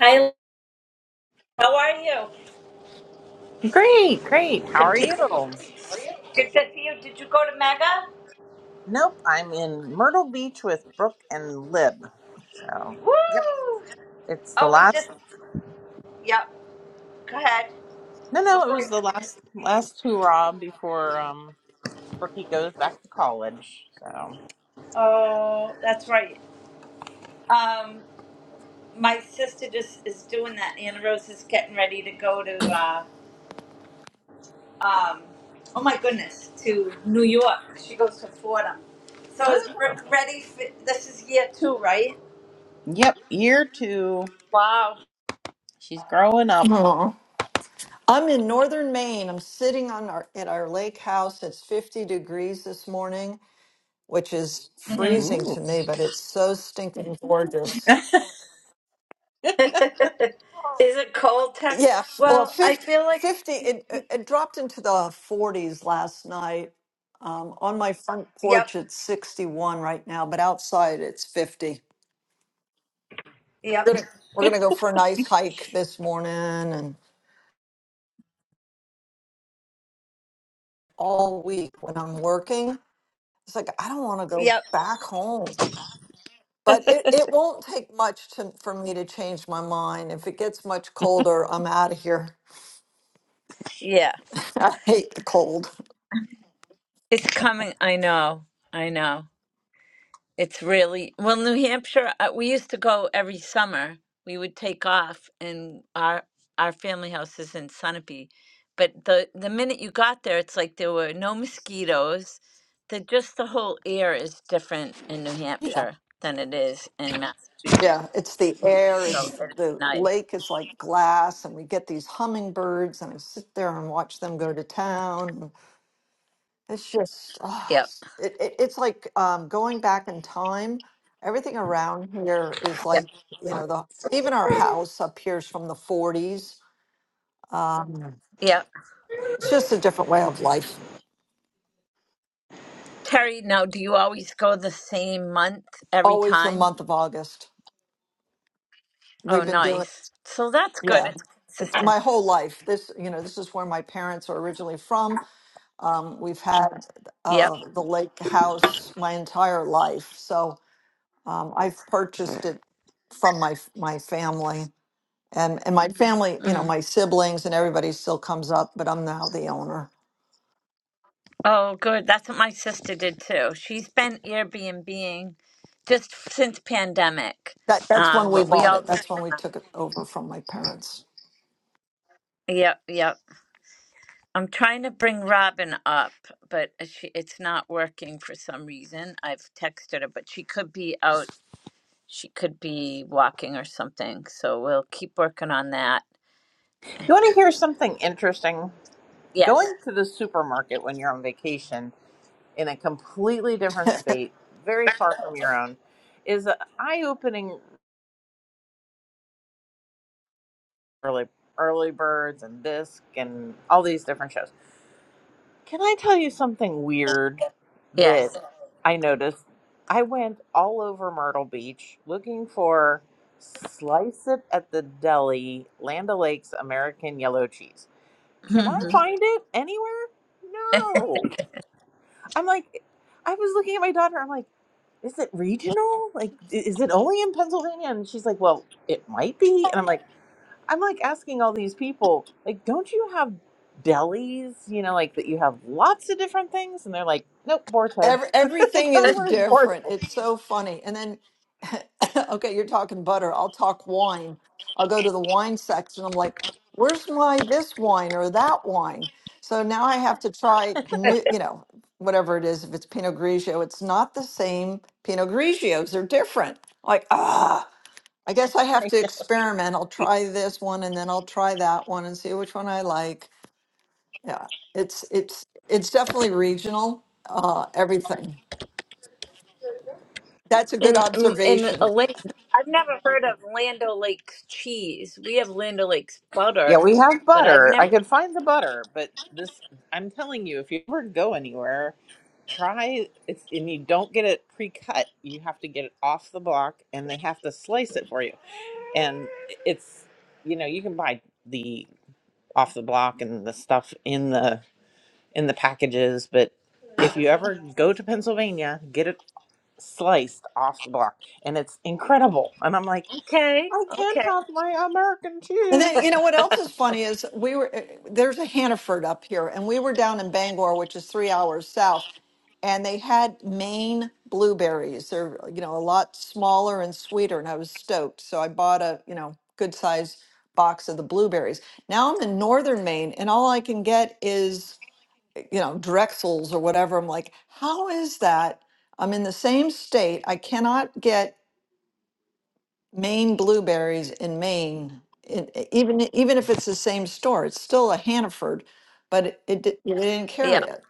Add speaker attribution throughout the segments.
Speaker 1: Hi, how are you?
Speaker 2: Great, great. How
Speaker 1: Good
Speaker 2: are
Speaker 1: to,
Speaker 2: you?
Speaker 1: good to see you. Did you go to Mega?
Speaker 2: Nope, I'm in Myrtle Beach with Brooke and Lib. So, yep,
Speaker 1: Woo!
Speaker 2: it's the
Speaker 1: Oh, we just,
Speaker 2: last.
Speaker 1: yep. Go ahead.
Speaker 2: No, no, it
Speaker 1: Before.
Speaker 2: was the last last hurrah before um Brookie goes back to college. So,
Speaker 1: Oh, that's right. Um, my sister just is doing that. Anna Rose is getting ready to go to, uh, um, oh my goodness, to New York. She goes to Fordham. So is
Speaker 2: oh,
Speaker 1: Rick ready? For, this is year two, right?
Speaker 2: yep, year two.
Speaker 1: Wow.
Speaker 2: She's growing up.
Speaker 3: Oh. I'm in northern Maine. I'm sitting on our at our lake house. It's 50 degrees this morning, which is
Speaker 1: hmm
Speaker 3: freezing
Speaker 2: Ooh.
Speaker 3: to me, but it's so stinking gorgeous.
Speaker 2: you
Speaker 1: is it cold? Ter-
Speaker 3: Yeah, well,
Speaker 1: well, I
Speaker 3: 50,
Speaker 1: feel like,
Speaker 3: fifty it, it it dropped into the 40s last night. Um, on my front
Speaker 1: yep.
Speaker 3: porch, it's 61 right now, but outside it's 50. We're
Speaker 1: Yep.
Speaker 3: gonna we're gonna go for a nice hike this morning and all week when I'm working. It's like I don't want to go
Speaker 1: Yep.
Speaker 3: back home. But it, it won't take much to, for me to change my mind. If it gets much colder, I'm out of here.
Speaker 1: Yeah.
Speaker 3: I hate the cold.
Speaker 1: It's coming. I know. I know. It's really well, New Hampshire. uh, We used to go every summer. We would take off, and our our family house is in Sunapee. But the the minute you got there, it's like there were no mosquitoes. The just the whole air is different in New
Speaker 3: Yeah.
Speaker 1: Hampshire than it is in Massachusetts.
Speaker 3: Yeah. It's the air.
Speaker 1: So
Speaker 3: It's
Speaker 1: it's
Speaker 3: the
Speaker 1: nice.
Speaker 3: lake is like glass, and we get these hummingbirds, and I sit there and watch them go to town. and It's just, ah,
Speaker 1: Yep.
Speaker 3: it, it, it's like um, going back in time. Everything around here is
Speaker 1: Yep.
Speaker 3: like, you know, the even our house up here is from the 40s. Um,
Speaker 1: Yep.
Speaker 3: it's just a different way of life.
Speaker 1: Terry, now do you always go the same month every
Speaker 3: always the
Speaker 1: time?
Speaker 3: month of August.
Speaker 1: Oh,
Speaker 3: We've been doing,
Speaker 1: nice. So that's good.
Speaker 3: yeah,
Speaker 1: It's
Speaker 3: It-
Speaker 1: consistent.
Speaker 3: my whole life. This, you know, this is where my parents are originally from. Um, we've had
Speaker 1: Yep.
Speaker 3: uh, the lake house my entire life, so um, I've purchased it from my my family and and my family. You know,
Speaker 1: Mhm.
Speaker 3: my siblings and everybody still comes up, but I'm now the owner.
Speaker 1: Oh, good. That's what my sister did too. She's been Airbnbing just since pandemic.
Speaker 3: That that's when
Speaker 1: Um,
Speaker 3: we
Speaker 1: but we
Speaker 3: bought
Speaker 1: all
Speaker 3: it. That's
Speaker 1: just
Speaker 3: when we
Speaker 1: went up.
Speaker 3: took it over from my parents.
Speaker 1: Yep, yep. I'm trying to bring Robin up, but she it's not working for some reason. I've texted her, but she could be out. She could be walking or something. So we'll keep working on that.
Speaker 2: want to hear something interesting?
Speaker 1: Yes.
Speaker 2: Going to the supermarket when you're on vacation in a completely different state, very far from your own, is an eye opening early early birds and disc and all these different shows. Can I tell you something weird
Speaker 1: Yes.
Speaker 2: that I noticed? I went all over Myrtle Beach looking for Slice It at the Deli Land O'Lakes American Yellow Cheese. Can I find it anywhere? No. I'm like, I was looking at my daughter. I'm like, is it regional? Like, i- is it only in Pennsylvania? And she's like, well, it might be. And I'm like, I'm like asking all these people, like, don't you have delis? You know, like that you have lots of different things, and they're like, nope, Boar's Head.
Speaker 3: Every,
Speaker 2: like
Speaker 3: everything is
Speaker 2: everywhere is Boar's
Speaker 3: different.
Speaker 2: Head.
Speaker 3: It's so funny. And then, okay, you're talking butter. I'll talk wine. I'll go to the wine section. I'm like, where's my this wine or that wine? So now I have to try new, you know, whatever it is. If it's Pinot Grigio, it's not the same Pinot Grigios. They're different. Like, ah, I guess I have to experiment. I'll try this one and then I'll try that one and see which one I like. Yeah, it's it's it's definitely regional. Uh, everything. That's a
Speaker 1: In
Speaker 3: good
Speaker 1: in a
Speaker 3: observation.
Speaker 1: lake, I've never heard of Land O'Lakes cheese. We have Land O'Lakes
Speaker 2: Yeah,
Speaker 1: butter,
Speaker 2: we have
Speaker 1: but I've
Speaker 2: butter. I
Speaker 1: never.
Speaker 2: could find the butter, but this, I'm telling you, if you ever go anywhere, try it's and you don't get it pre-cut you have to get it off the block and they have to slice it for you and it's you know you can buy the off the block and the stuff in the in the packages but if you ever go to pennsylvania get it sliced off the block and it's incredible and i'm like
Speaker 1: Okay,
Speaker 2: i can't
Speaker 1: okay.
Speaker 2: have my american
Speaker 3: And then you
Speaker 2: cheese
Speaker 3: know what else is funny is we were eh, there's a Hannaford up here, and we were down in Bangor, which is three hours south, and they had Maine blueberries. They're you know a lot smaller and sweeter, and I was stoked. So I bought a you know good size box of the blueberries. Now I'm in northern Maine, and all I can get is you know Drexels or whatever. I'm like, how is that? I'm in the same state. I cannot get Maine blueberries in Maine, it, even even if it's the same store, it's still a Hannaford, but it, it di- they didn't
Speaker 1: Yeah,
Speaker 3: carry it.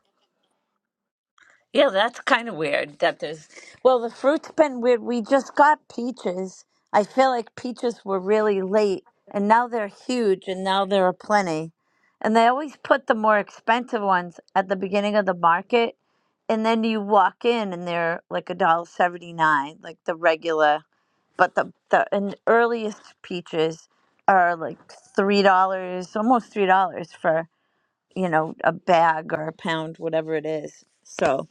Speaker 1: yeah, that's kind of weird that there's. Well, the fruit's been weird. We just got peaches. I feel like peaches were really late, and now they're huge, and now there are plenty. And they always put the more expensive ones at the beginning of the market, and then you walk in, and they're like a dollar seventy nine, like the regular. but the the and earliest peaches are like three dollars, almost three dollars for you know a bag or a pound, whatever it is. So,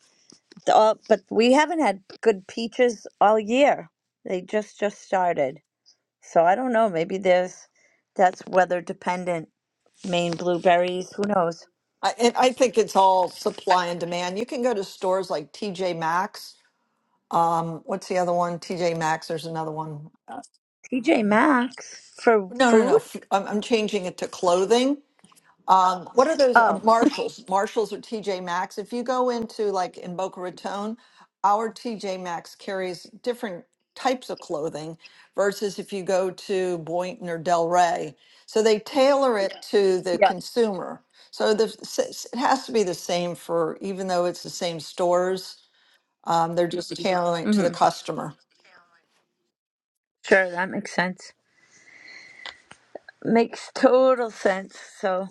Speaker 1: the- all, but we haven't had good peaches all year. They just just started. So I don't know. Maybe there's that's weather dependent. Maine blueberries. Who knows?
Speaker 3: I and I think it's all supply and demand. You can go to stores like TJ Maxx. Um, what's the other one? TJ Maxx. There's another one. Uh,
Speaker 1: TJ Maxx for
Speaker 3: No, no, no.
Speaker 1: food.
Speaker 3: f- I'm, I'm changing it to clothing. Um, what are those uh,
Speaker 1: Oh
Speaker 3: Marshalls? Marshalls or TJ Maxx? If you go into like in Boca Raton, our TJ Maxx carries different types of clothing versus if you go to Boynton or Del Rey. So they tailor it to the
Speaker 1: yeah.
Speaker 3: consumer. So the s- s- it has to be the same for even though it's the same stores, um, they're just tailoring it to the
Speaker 1: Mm-hmm.
Speaker 3: customer.
Speaker 1: Sure, that makes sense. Makes total sense. So.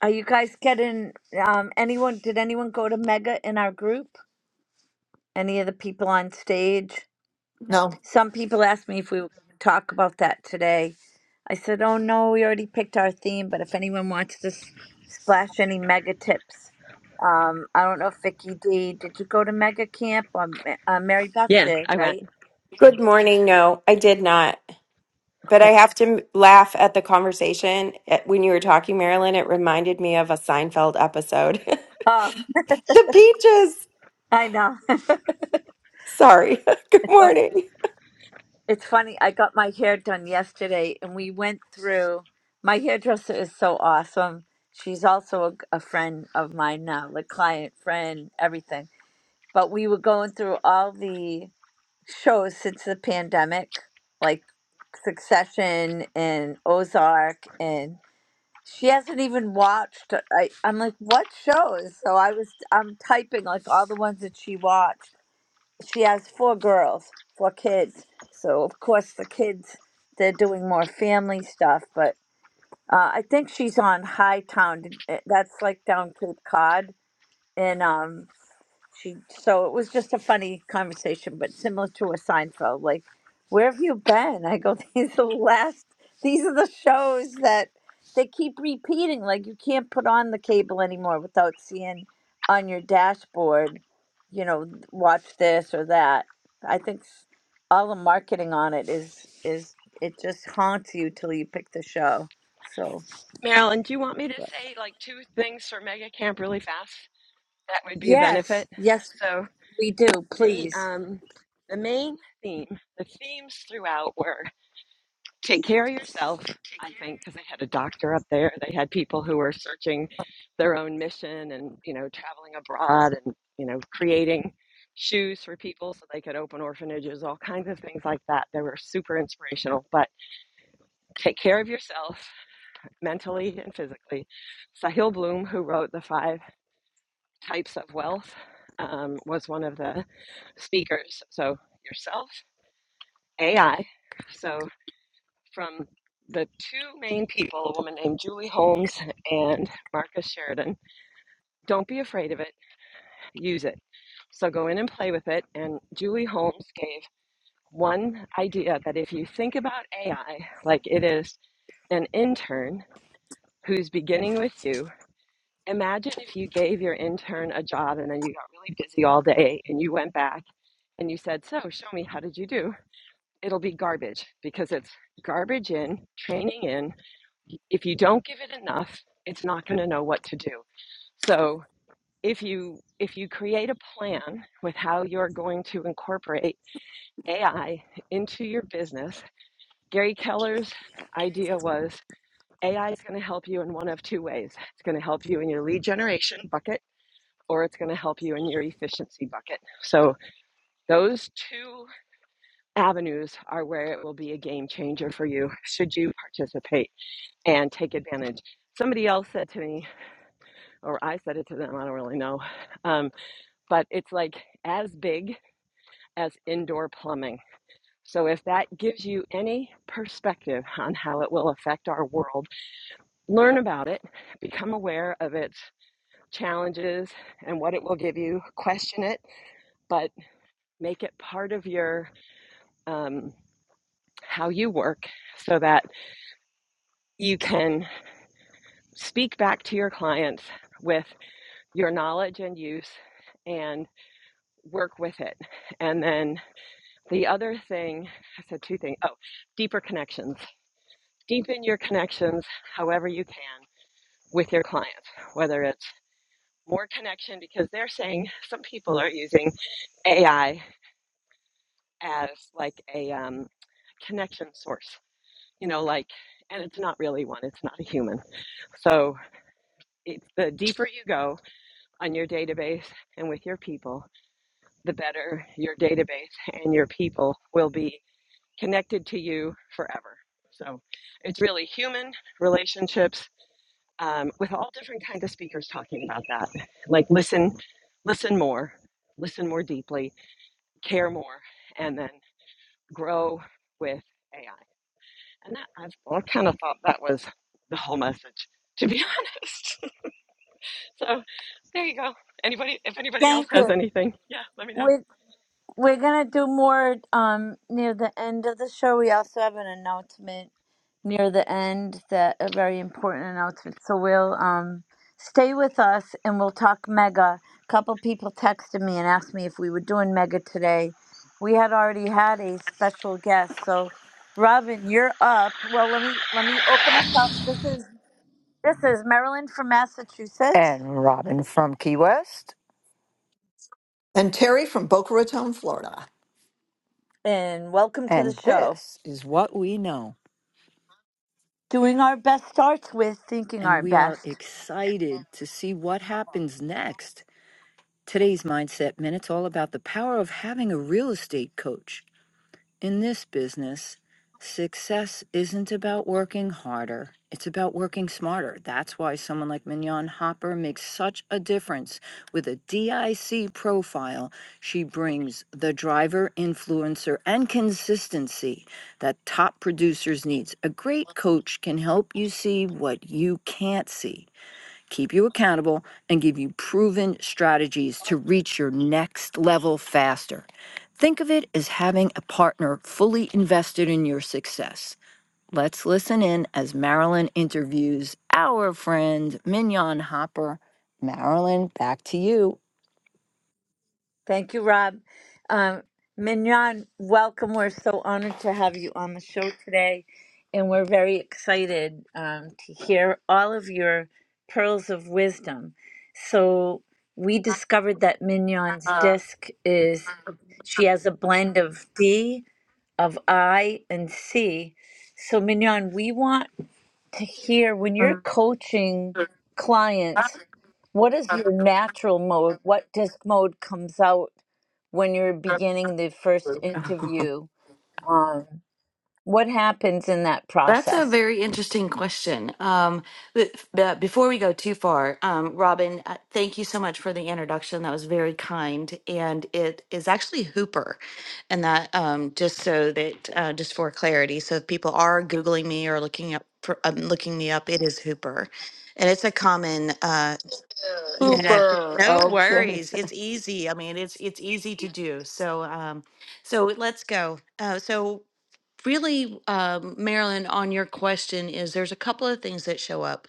Speaker 1: Are you guys getting um anyone did anyone go to Mega in our group? Any of the people on stage?
Speaker 3: No.
Speaker 1: Some people asked me if we would talk about that today. I said, "Oh no, we already picked our theme, but if anyone wants to s- splash any Mega tips." Um I don't know if Vicky D, did you go to Mega camp? Um, uh, Mary Beth
Speaker 4: Yeah,
Speaker 1: did,
Speaker 4: I went.
Speaker 1: right?
Speaker 5: Good morning. No, I did not. But
Speaker 1: Okay.
Speaker 5: I have to m- laugh at the conversation. At- When you were talking, Marilyn, it reminded me of a Seinfeld episode.
Speaker 1: Oh,
Speaker 5: the peaches.
Speaker 1: I know.
Speaker 5: Sorry. good
Speaker 1: it's
Speaker 5: morning.
Speaker 1: It's funny, I got my hair done yesterday and we went through. My hairdresser is so awesome. She's also a, a friend of mine now, like client, friend, everything. But we were going through all the shows since the pandemic, like Succession and Ozark, and she hasn't even watched. I, I'm like, what shows? So I was, I'm typing like all the ones that she watched she has four girls, four kids. So of course the kids they're doing more family stuff, but uh, I think she's on High Town. That's like down Cape Cod, and um, she so it was just a funny conversation but similar to a seinfeld like where have you been i go these are the last these are the shows that they keep repeating like you can't put on the cable anymore without seeing on your dashboard you know watch this or that i think s- all the marketing on it is is it just haunts you till you pick the show so
Speaker 4: Marilyn, do you want me to
Speaker 1: but-
Speaker 4: say like two things for Mega Camp really fast? That would be a
Speaker 1: yes
Speaker 4: benefit.
Speaker 1: yes
Speaker 4: So
Speaker 1: we do
Speaker 4: the
Speaker 1: please
Speaker 4: um the main theme, the themes throughout were take care of yourself. I think because they had a doctor up there, they had people who were searching their own mission and you know traveling abroad and you know creating shoes for people so they could open orphanages, all kinds of things like that. They were super inspirational. But take care of yourself mentally and physically. Sahil Bloom, who wrote The Five Types of Wealth, um, was one of the speakers. So, yourself, AI. So, from the two main people, a woman named Julie Holmes and Marcus Sheridan, don't be afraid of it, use it. So, go in and play with it. And Julie Holmes gave one idea that if you think about AI like it is an intern who's beginning with you Imagine if you gave your intern a job and then you got really busy all day and you went back and you said, So, show me, how did you do? It'll be garbage because it's garbage in, training in. If you don't give it enough, it's not going to know what to do. So, if you if you create a plan with how you're going to incorporate AI into your business, Gary Keller's idea was AI is going to help you in one of two ways. It's going to help you in your lead generation bucket or it's going to help you in your efficiency bucket. So, those two avenues are where it will be a game changer for you should you participate and take advantage. Somebody else said to me, or I said it to them, I don't really know, um, but it's like as big as indoor plumbing. So, if that gives you any perspective on how it will affect our world, learn about it, become aware of its challenges and what it will give you, question it, but make it part of your um, how you work so that you can speak back to your clients with your knowledge and use and work with it. And then the other thing, I said two things. Oh, deeper connections. Deepen your connections however you can with your clients, whether it's more connection because they're saying some people are using AI as like a um, connection source, you know, like, and it's not really one, it's not a human. So it, the deeper you go on your database and with your people, the better your database and your people will be connected to you forever. So it's really human relationships um, with all different kinds of speakers talking about that. Like listen, listen more, listen more deeply, care more, and then grow with AI. And that, I've, well, I kind of thought that was the whole message, to be honest. So there you go. Anybody, if anybody else
Speaker 1: thank
Speaker 4: has
Speaker 1: you
Speaker 4: anything, yeah, let me know.
Speaker 1: With We're gonna do more um near the end of the show. We also have an announcement near the end that a very important announcement. So we'll um stay with us and we'll talk mega. A couple people texted me and asked me if we were doing mega today. We had already had a special guest, so Robin, you're up. Well, let me let me open us up. This is this is Marilyn from Massachusetts,
Speaker 6: and Robin from Key West.
Speaker 3: And Terry from Boca Raton, Florida.
Speaker 1: and welcome to the
Speaker 6: And
Speaker 1: show.
Speaker 6: this is what we know.
Speaker 1: Doing our best starts with thinking our
Speaker 6: And we are
Speaker 1: best.
Speaker 6: excited to see what happens next. Today's Mindset Minute's all about the power of having a real estate coach. In this business, success isn't about working harder. It's about working smarter. That's why someone like Mignon Hopper makes such a difference. With a DIC profile, she brings the driver, influencer, and consistency that top producers need. A great coach can help you see what you can't see keep you accountable, and give you proven strategies to reach your next level faster. Think of it as having a partner fully invested in your success. Let's listen in as Marilyn interviews our friend Mignon Hopper. Marilyn, back to you.
Speaker 1: Thank you, Rob. Um, Mignon, welcome. We're so honored to have you on the show today, and we're very excited um, to hear all of your pearls of wisdom. So, we discovered that Mignon's
Speaker 7: Uh,
Speaker 1: disc is
Speaker 7: uh,
Speaker 1: she has a blend of D, of I, and C. So, Mignon, we want to hear when you're
Speaker 7: uh,
Speaker 1: coaching clients what is
Speaker 7: uh, uh,
Speaker 1: your natural mode? What disc mode comes out when you're beginning the first
Speaker 7: uh,
Speaker 1: interview? Um, what happens in that
Speaker 7: That's a
Speaker 1: process?
Speaker 7: very interesting question. Um, but, but before we go too far, um, Robin, uh, thank you so much for the introduction. That was very kind, and it is actually Hooper, and that um, just so that uh, just for clarity, so if people are googling me or looking up for um, looking me up, it is Hooper, and it's a common uh, yeah,
Speaker 6: Hooper.
Speaker 7: no
Speaker 6: Okay.
Speaker 7: worries. It's easy. I mean, it's it's easy to do. So um so let's go. Uh so really, um, Marilyn, on your question is there's a couple of things that show up.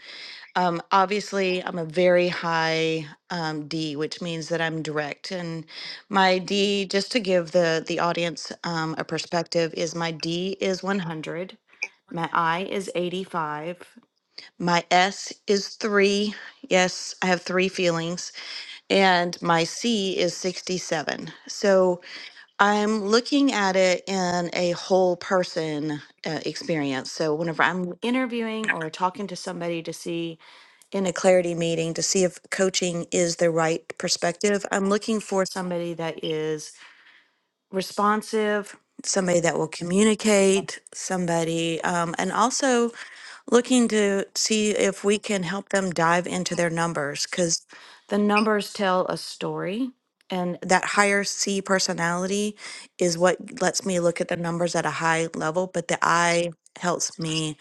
Speaker 7: Um, obviously, I'm a very high um, D, which means that I'm direct, and my D, just to give the the audience um, a perspective, is my D is 100. My I is 85. My S is three. Yes, I have three feelings. And my C is 67. So I'm looking at it in a whole person uh, experience. So whenever I'm interviewing or talking to somebody to see in a clarity meeting to see if coaching is the right perspective, I'm looking for somebody that is responsive, somebody that will communicate, somebody, um, and also looking to see if we can help them dive into their numbers because the numbers tell a story and that higher c personality is what lets me look at the numbers at a high level but the i helps me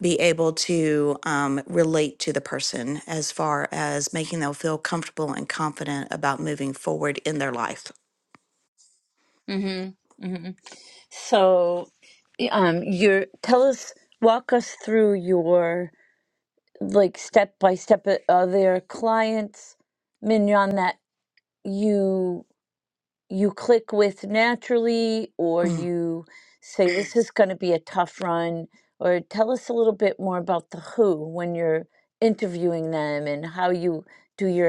Speaker 7: be able to um, relate to the person as far as making them feel comfortable and confident about moving forward in their life
Speaker 1: hmm hmm So, y- um, your tell us, walk us through your like step by step. Are there clients, Mignon, that you? you click with naturally, or
Speaker 7: Mm.
Speaker 1: you say, This is going to be a tough run? Or tell us a little bit more about the who when you're interviewing them and how you do your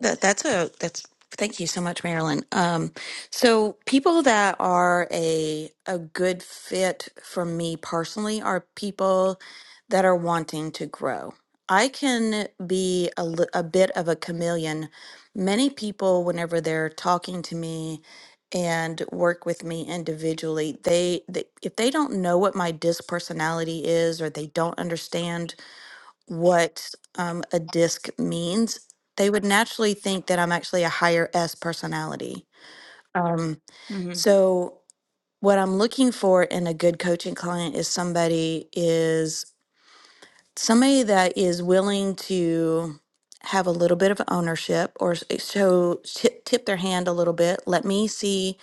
Speaker 7: That that's a that's thank you so much, Marilyn. Um, so people that are a a good fit for me personally are people that are wanting to grow. I can be a, li- a bit of a chameleon. Many people, whenever they're talking to me and work with me individually, they, they if they don't know what my disc personality is or they don't understand what um, a disc means, they would naturally think that I'm actually a higher S personality. Um, so what I'm looking for in a good coaching client is somebody is somebody that is willing to have a little bit of ownership or s- eh, show tip, tip their hand a little bit. Let me see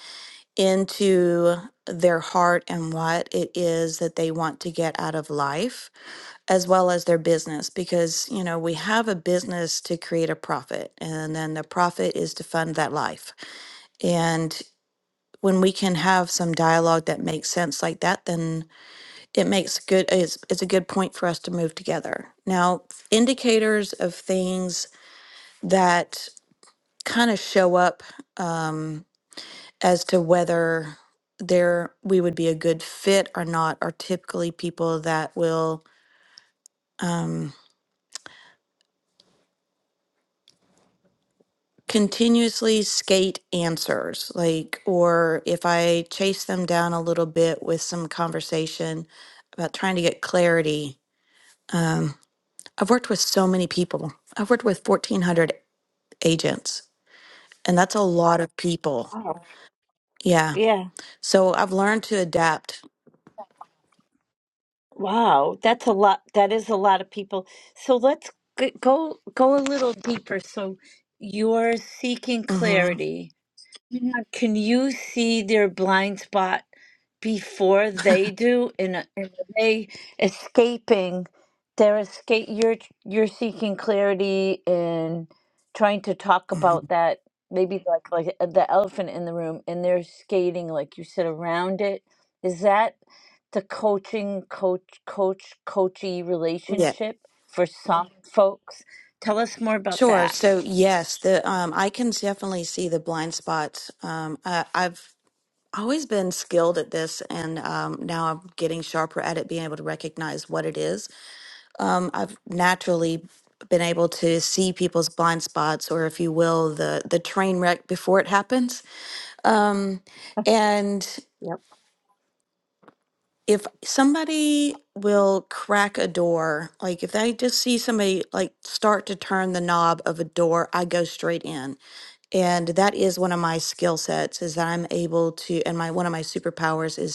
Speaker 7: into their heart and what it is that they want to get out of life as well as their business because you know we have a business to create a profit and then the profit is to fund that life and when we can have some dialogue that makes sense like that then it makes good it's, it's a good point for us to move together now indicators of things that kind of show up um, as to whether there we would be a good fit or not are typically people that will um, continuously skate answers like or if i chase them down a little bit with some conversation about trying to get clarity um, i've worked with so many people i've worked with 1400 agents and that's a lot of people
Speaker 1: Wow.
Speaker 7: yeah
Speaker 1: Yeah.
Speaker 7: so i've learned to adapt
Speaker 1: Wow. That's a lot. That is a lot of people. So let's g- go go a little deeper. So you're seeking
Speaker 7: hmm
Speaker 1: clarity. Yeah, Can you see their blind spot before they do? And, and are they escaping? They're escape. You're you're seeking clarity and trying to talk
Speaker 7: hmm
Speaker 1: about that. Maybe like like uh, the elephant in the room, and they're skating like you said around it. Is that the coaching coach coach coachy
Speaker 7: yeah
Speaker 1: relationship for some folks? Tell us more about
Speaker 7: sure
Speaker 1: that.
Speaker 7: so yes the um, i can definitely see the blind spots um, I, i've always been skilled at this and um, now i'm getting sharper at it being able to recognize what it is um, i've naturally been able to see people's blind spots or if you will the the train wreck before it happens um, and
Speaker 1: Yep.
Speaker 7: if somebody will crack a door like if they just see somebody like start to turn the knob of a door i go straight in and that is one of my skill sets is that i'm able to and my one of my superpowers is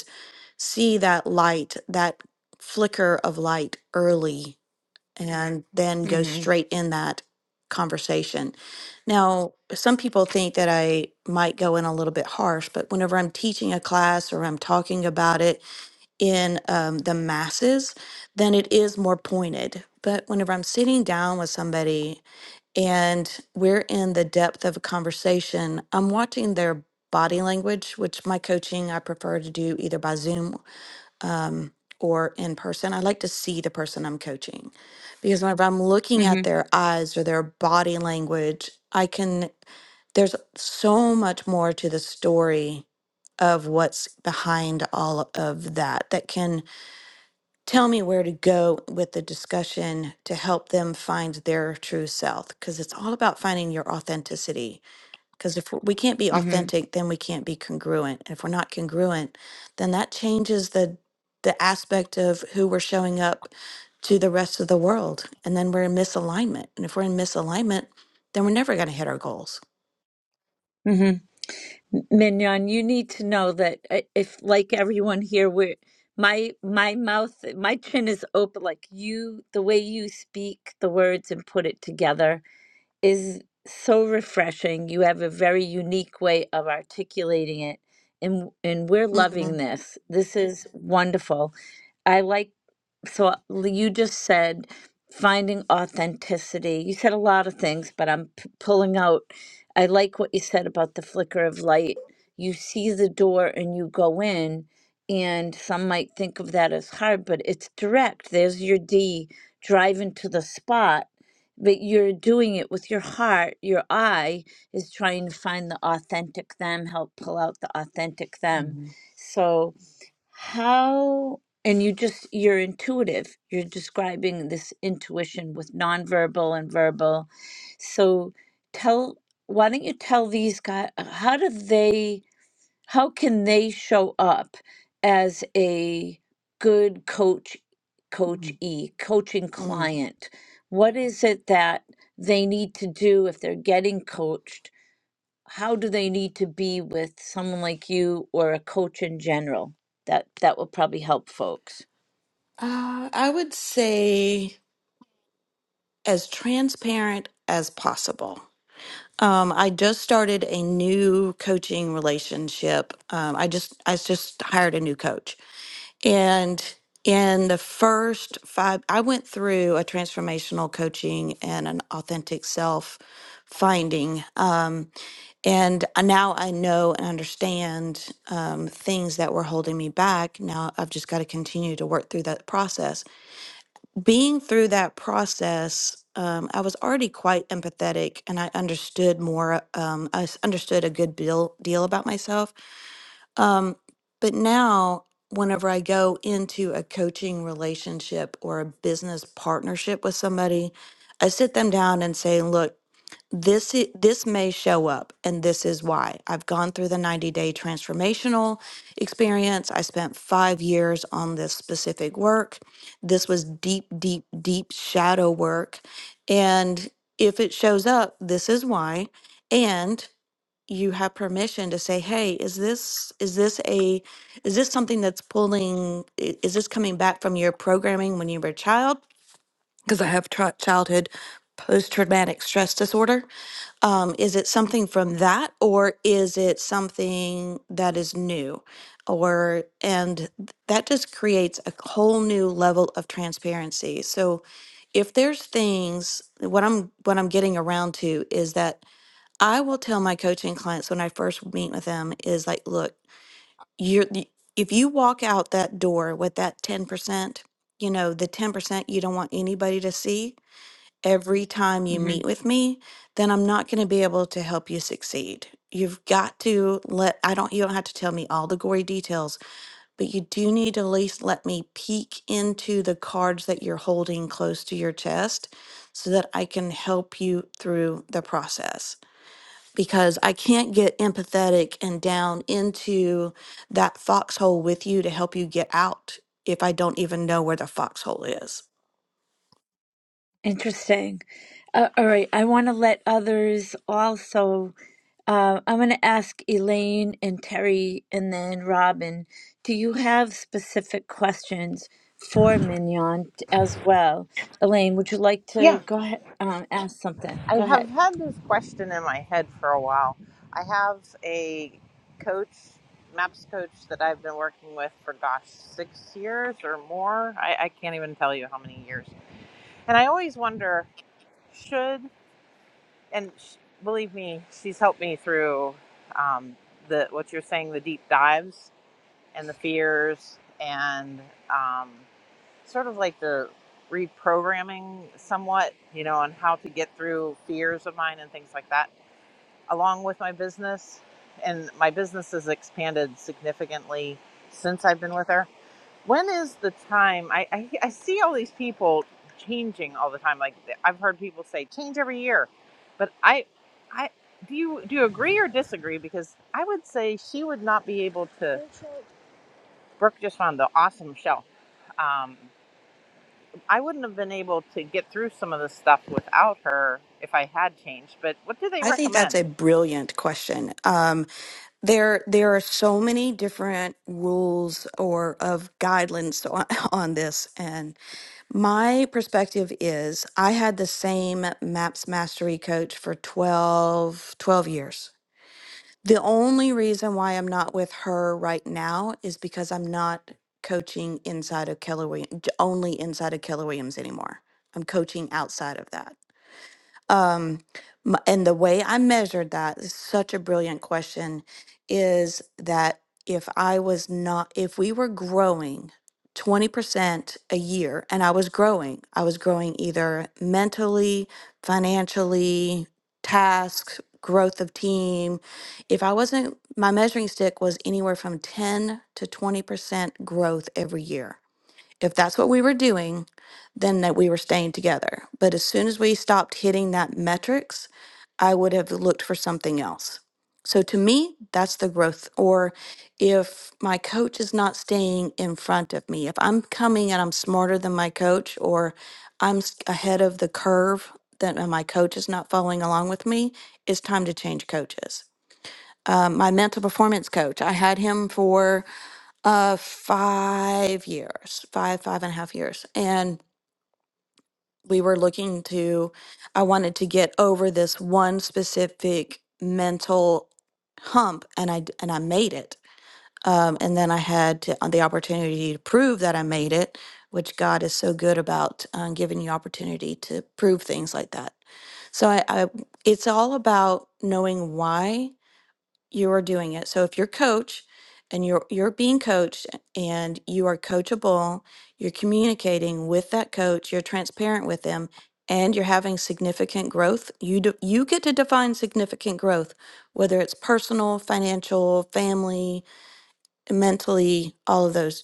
Speaker 7: see that light, that flicker of light early, and then go straight in that conversation. Now, some people think that I might go in a little bit harsh, but whenever I'm teaching a class or I'm talking about it in um, the masses, then it is more pointed. But whenever I'm sitting down with somebody and we're in the depth of a conversation, I'm watching their body language, which my coaching I prefer to do either by Zoom um, or in person. I like to see the person I'm coaching because whenever I'm looking
Speaker 1: Mm-hmm.
Speaker 7: at their eyes or their body language, I can, there's so much more to the story of what's behind all of that that can tell me where to go with the discussion to help them find their true self because it's all about finding your authenticity because if we can't be
Speaker 1: Mm-hmm.
Speaker 7: authentic, then we can't be congruent. And if we're not congruent, then that changes the the aspect of who we're showing up to the rest of the world. And then we're in misalignment. And if we're in misalignment, then we're never going to hit our goals.
Speaker 1: Mignon, you need to know that i- if, like everyone here, we're my my mouth, my chin is open. Like you, the way you speak the words and put it together is so refreshing. You have a very unique way of articulating it, and and we're loving
Speaker 7: Mm,
Speaker 1: this. This is wonderful. I like, so you just said finding authenticity. You said a lot of things, but I'm p- pulling out. I like what you said about the flicker of light. You see the door and you go in, and some might think of that as hard, but it's direct. There's your D driving to the spot, but you're doing it with your heart. Your eye is trying to find the authentic them, help pull out the authentic them.
Speaker 7: mm,
Speaker 1: So, how and you just you're intuitive you're describing this intuition with nonverbal and verbal so tell why don't you tell these guys how do they how can they show up as a good coach coach
Speaker 7: mm,
Speaker 1: e coaching
Speaker 7: mm.
Speaker 1: client what is it that they need to do if they're getting coached how do they need to be with someone like you or a coach in general? That that will probably help folks.
Speaker 7: Uh, I would say as transparent as possible. Um, I just started a new coaching relationship. Um, I just I just hired a new coach And in the first five, I went through a transformational coaching and an authentic self finding. Um, and I- now I know and understand um, things that were holding me back. Now I've just got to continue to work through that process. Being through that process, um, I was already quite empathetic and I understood more, um, I s- understood a good deal, deal about myself um, but now, whenever I go into a coaching relationship or a business partnership with somebody, I sit them down and say, look, this i- this may show up and this is why i've gone through the 90 day transformational experience i spent 5 years on this specific work this was deep deep deep shadow work and if it shows up this is why you have permission to say hey is this is this a is this something that's pulling i- is this coming back from your programming when you were a child because i have tra- childhood post-traumatic stress disorder um, is it something from that or is it something that is new or and th- that just creates a whole new level of transparency so if there's things what i'm what i'm getting around to is that I will tell my coaching clients when I first meet with them is like, look, you're y- if you walk out that door with that 10%, you know, the 10% you don't want anybody to see every time you
Speaker 1: hmm
Speaker 7: meet with me, then I'm not going to be able to help you succeed. You've got to let I don't you don't have to tell me all the gory details, but you do need to at least let me peek into the cards that you're holding close to your chest so that I can help you through the process because I can't get empathetic and down into that foxhole with you to help you get out if I don't even know where the foxhole is.
Speaker 1: Interesting. Uh, all right, I want to let others also. Uh, I'm going to ask Elaine and Terry and then Robin. Do you have specific questions for Mignon t- as well? Elaine, would you like
Speaker 2: yeah
Speaker 1: to go ahead um, ask something?
Speaker 2: I
Speaker 1: Go
Speaker 2: have
Speaker 1: ahead.
Speaker 2: had this question in my head for a while. I have a coach, MAPS coach, that I've been working with for gosh, six years or more. I, I can't even tell you how many years. And I always wonder should, and sh- believe me, she's helped me through um, the what you're saying, the deep dives and the fears and um, sort of like the reprogramming somewhat, you know, on how to get through fears of mine and things like that along with my business, and my business has expanded significantly since I've been with her. When is the time? I, I, I see all these people changing all the time. Like I've heard people say, change every year, but I, I do you do you agree or disagree? Because I would say she would not be able to. Brooke just found the awesome shelf. Um, I wouldn't have been able to get through some of this stuff without her if I had changed. But what do they
Speaker 7: I think that's
Speaker 2: recommend?
Speaker 7: a brilliant question. Um, there, there are so many different rules or of guidelines on, on this, and my perspective is I had the same Maps Mastery coach for 12, 12 years The only reason why I'm not with her right now is because I'm not coaching inside of Keller Williams, only inside of Keller Williams anymore. I'm coaching outside of that. Um, m- and the way I measured that is such a brilliant question is that if I was not, if we were growing 20% a year and I was growing, I was growing either mentally, financially, tasks, growth of team. If I wasn't, my measuring stick was anywhere from 10 to 20% growth every year if that's what we were doing, then that we were staying together. But as soon as we stopped hitting that metrics, I would have looked for something else. So to me, that's the growth. Or if my coach is not staying in front of me, if I'm coming and I'm smarter than my coach, or I'm s- ahead of the curve that uh, my coach is not following along with me, it's time to change coaches. Um, my mental performance coach, I had him for uh, five years, five, five and a half years. And we were looking to, I wanted to get over this one specific mental hump and I, d- and I made it. Um, and then I had to, uh, the opportunity to prove that I made it, which God is so good about um, giving you opportunity to prove things like that. So I, I, it's all about knowing why you are doing it. So if you're coach and you're you're being coached and you are coachable, you're communicating with that coach, you're transparent with them, and you're having significant growth, you do, you get to define significant growth, whether it's personal, financial, family, mentally, all of those,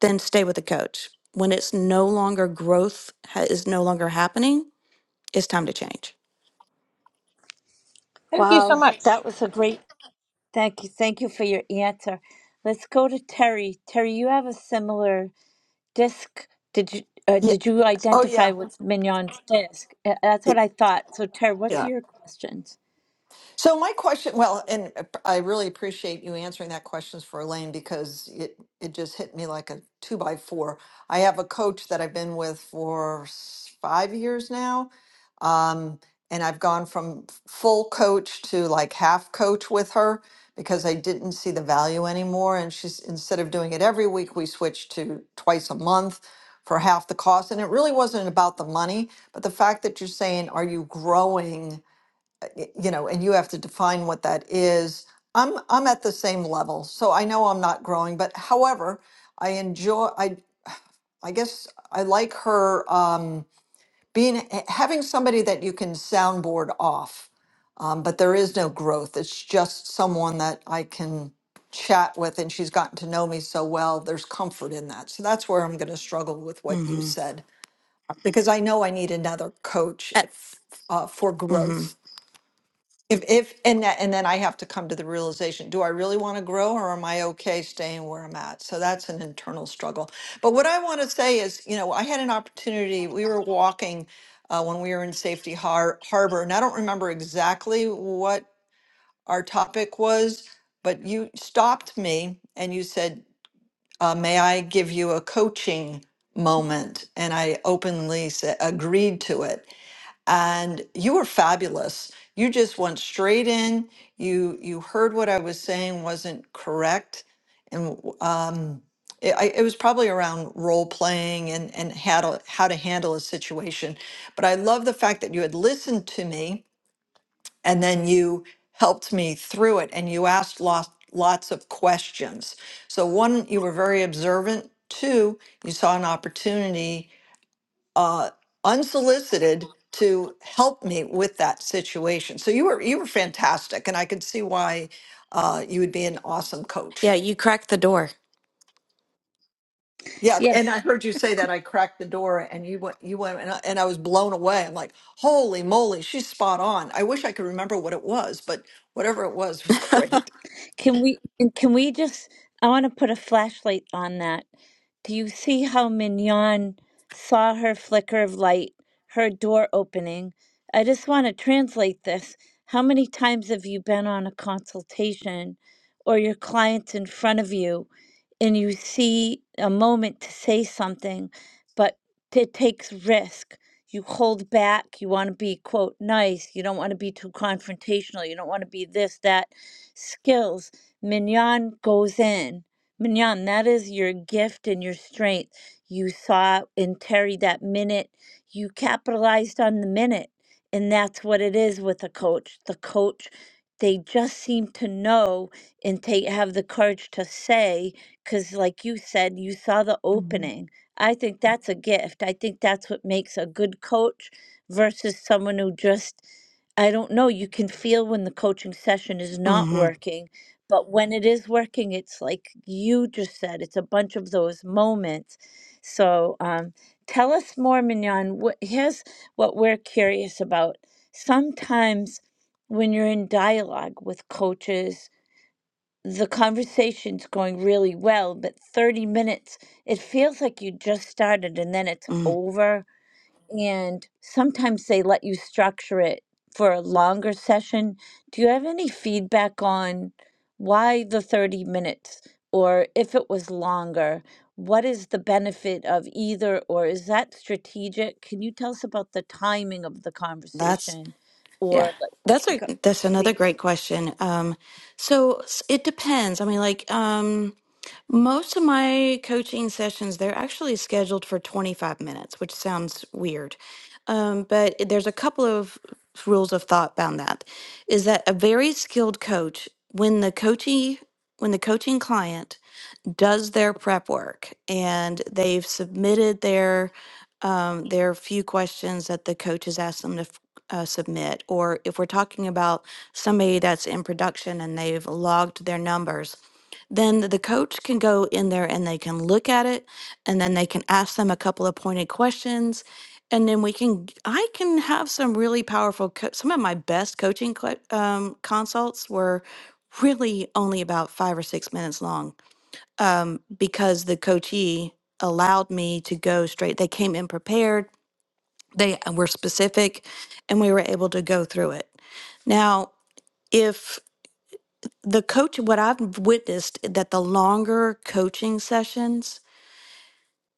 Speaker 7: then stay with the coach. When it's no longer growth ha- is no longer happening, it's time to change.
Speaker 2: Thank you so
Speaker 1: Wow,
Speaker 2: much.
Speaker 1: that was a great Thank you. Thank you for your answer. Let's go to Terry. Terry, you have a similar disc. Did you uh,
Speaker 3: Yeah.
Speaker 1: did you
Speaker 3: Oh
Speaker 1: identify
Speaker 3: yeah.
Speaker 1: with Mignon's disc? Uh, That's what I thought. So Terry, what's
Speaker 3: Yeah.
Speaker 1: your questions?
Speaker 3: So my question, well, and I really appreciate you answering that question for Elaine because it it just hit me like a two by four. I have a coach that I've been with for s- five years now, um, and I've gone from f- full coach to like half coach with her because I didn't see the value anymore. And she's instead of doing it every week, we switched to twice a month for half the cost. And it really wasn't about the money, but the fact that you're saying, are you growing? y- you know, and you have to define what that is. I'm I'm at the same level, so I know I'm not growing, but however, I enjoy I I guess I like her um being h- having somebody that you can soundboard off. Um, but there is no growth. It's just someone that I can chat with and she's gotten to know me so well. There's comfort in that. So that's where I'm going to struggle with what you
Speaker 7: Mm-hmm.
Speaker 3: said because I know I need another coach
Speaker 7: Uh,
Speaker 3: if, uh, for growth.
Speaker 7: mm-hmm.
Speaker 3: If if and that, and then I have to come to the realization, do I really want to grow or am I okay staying where I'm at? So that's an internal struggle. But what I want to say is, you know, I had an opportunity. We were walking uh, when we were in Safety Har- Harbor, and I don't remember exactly what our topic was, but you stopped me and you said, uh, "May I give you a coaching moment?" And I openly sa- agreed to it and you were fabulous. You just went straight in. You you heard what I was saying wasn't correct, and um, it, I, it was probably around role playing and and how to how to handle a situation. But I love the fact that you had listened to me and then you helped me through it, and you asked lots lots of questions. So one, you were very observant. Two, you saw an opportunity uh, unsolicited to help me with that situation. So you were you were fantastic, and I could see why uh, you would be an awesome coach.
Speaker 7: Yeah, you cracked the door.
Speaker 3: Yeah, and
Speaker 1: Yes.
Speaker 3: I heard you say that I cracked the door, and you went you went, and I, and I was blown away. I'm like, holy moly, she's spot on. I wish I could remember what it was, but whatever it was was great.
Speaker 1: Can we and can we just I want to put a flashlight on that. Do you see how Mignon saw her flicker of light, her door opening? I just want to translate this. How many times have you been on a consultation or your client's in front of you and you see a moment to say something, but it takes risk. You hold back. You want to be, quote, nice. You don't want to be too confrontational. You don't want to be this, that skills, mignon goes in. Mignon, that is your gift and your strength. You saw in Terry that minute, you capitalized on the minute. And that's what it is with a coach. The coach, they just seem to know and take have the courage to say, because like you said, you saw the
Speaker 7: Mm-hmm.
Speaker 1: opening. I think that's a gift. I think that's what makes a good coach versus someone who just I don't know. You can feel when the coaching session is not
Speaker 7: Mm-hmm.
Speaker 1: working, but when it is working, it's like you just said, it's a bunch of those moments. So um, tell us more, Mignon. What, here's what we're curious about. Sometimes when you're in dialogue with coaches, the conversation's going really well, but 30 minutes, it feels like you just started and then it's
Speaker 7: Mm.
Speaker 1: over and sometimes they let you structure it for a longer session. Do you have any feedback on why the 30 minutes or if it was longer? What is the benefit of either, or is that strategic? Can you tell us about the timing of the
Speaker 7: That's
Speaker 1: conversation
Speaker 7: Yeah.
Speaker 1: or like,
Speaker 7: That's
Speaker 1: you
Speaker 7: a
Speaker 1: go-
Speaker 7: that's another
Speaker 1: please?
Speaker 7: great question. Um, so s- it depends. I mean, like um, most of my coaching sessions, they're actually scheduled for 25 minutes, which sounds weird. Um, but it- there's a couple of rules of thought bound that is that a very skilled coach, when the coachee, when the coaching client does their prep work and they've submitted their um, their few questions that the coach has asked them to f- uh, submit, or if we're talking about somebody that's in production and they've logged their numbers, then the coach can go in there and they can look at it, and then they can ask them a couple of pointed questions, and then we can. g- I can have some really powerful. Co- some of my best coaching co- um, consults were really only about five or six minutes long um, because the coachee allowed me to go straight. They came in prepared, they uh, were specific, and we were able to go through it. Now, if the coach, what I've witnessed that the longer coaching sessions,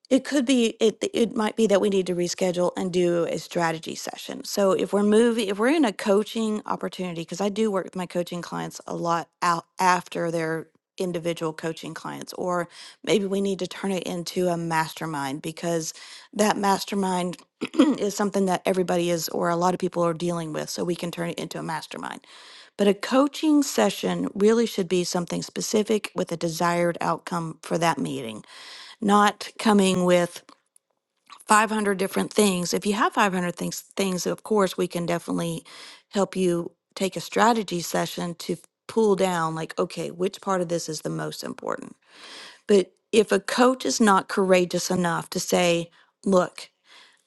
Speaker 7: it could be it it might be that we need to reschedule and do a strategy session. So if we're moving if we're in a coaching opportunity because I do work with my coaching clients a lot out after their individual coaching clients or maybe we need to turn it into a mastermind because that mastermind is something that everybody is or a lot of people are dealing with so we can turn it into a mastermind. But a coaching session really should be something specific with a desired outcome for that meeting not coming with 500 different things. If you have 500 things, things of course, we can definitely help you take a strategy session to f- pull down, like, okay, which part of this is the most important. But if a coach is not courageous enough to say, look,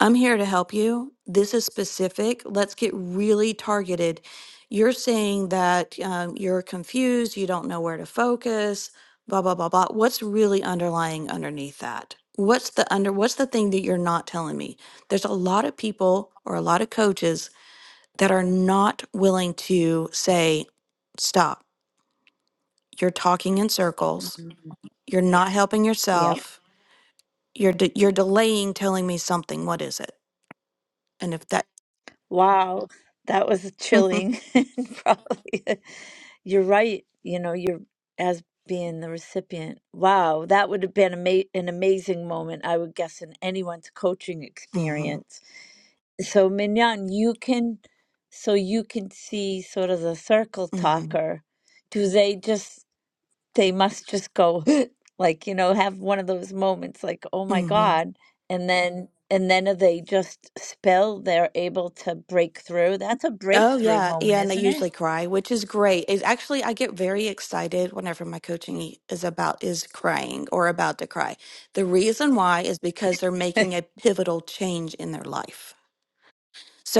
Speaker 7: I'm here to help you. This is specific. Let's get really targeted. You're saying that um, you're confused, you don't know where to focus, blah, blah, blah, blah. What's really underlying underneath that? What's the under what's the thing that you're not telling me? There's a lot of people or a lot of coaches that are not willing to say, stop. You're talking in circles.
Speaker 1: Mhm.
Speaker 7: You're not helping
Speaker 1: Yep.
Speaker 7: yourself. You're de- you're delaying telling me something. What is it? And if that
Speaker 1: Wow, that was chilling. And Probably, uh, you're right. You know, you're as being the recipient. Wow, that would have been ama an amazing moment, I would guess, in anyone's coaching
Speaker 7: Mhm.
Speaker 1: experience. So, Mignon, you can, so you can see sort of the circle
Speaker 7: hmm
Speaker 1: talker. Do they just? they must just go like you know have one of those moments like oh my
Speaker 7: hmm
Speaker 1: god and then and then if they just spell they're able to break through that's a
Speaker 7: Oh
Speaker 1: breakthrough
Speaker 7: yeah,
Speaker 1: moment
Speaker 7: yeah, and they
Speaker 1: isn't
Speaker 7: usually cry, which is great. It's actually I get very excited whenever my coaching is about is crying or about to cry. The reason why is because they're
Speaker 1: it
Speaker 7: making a pivotal change in their life.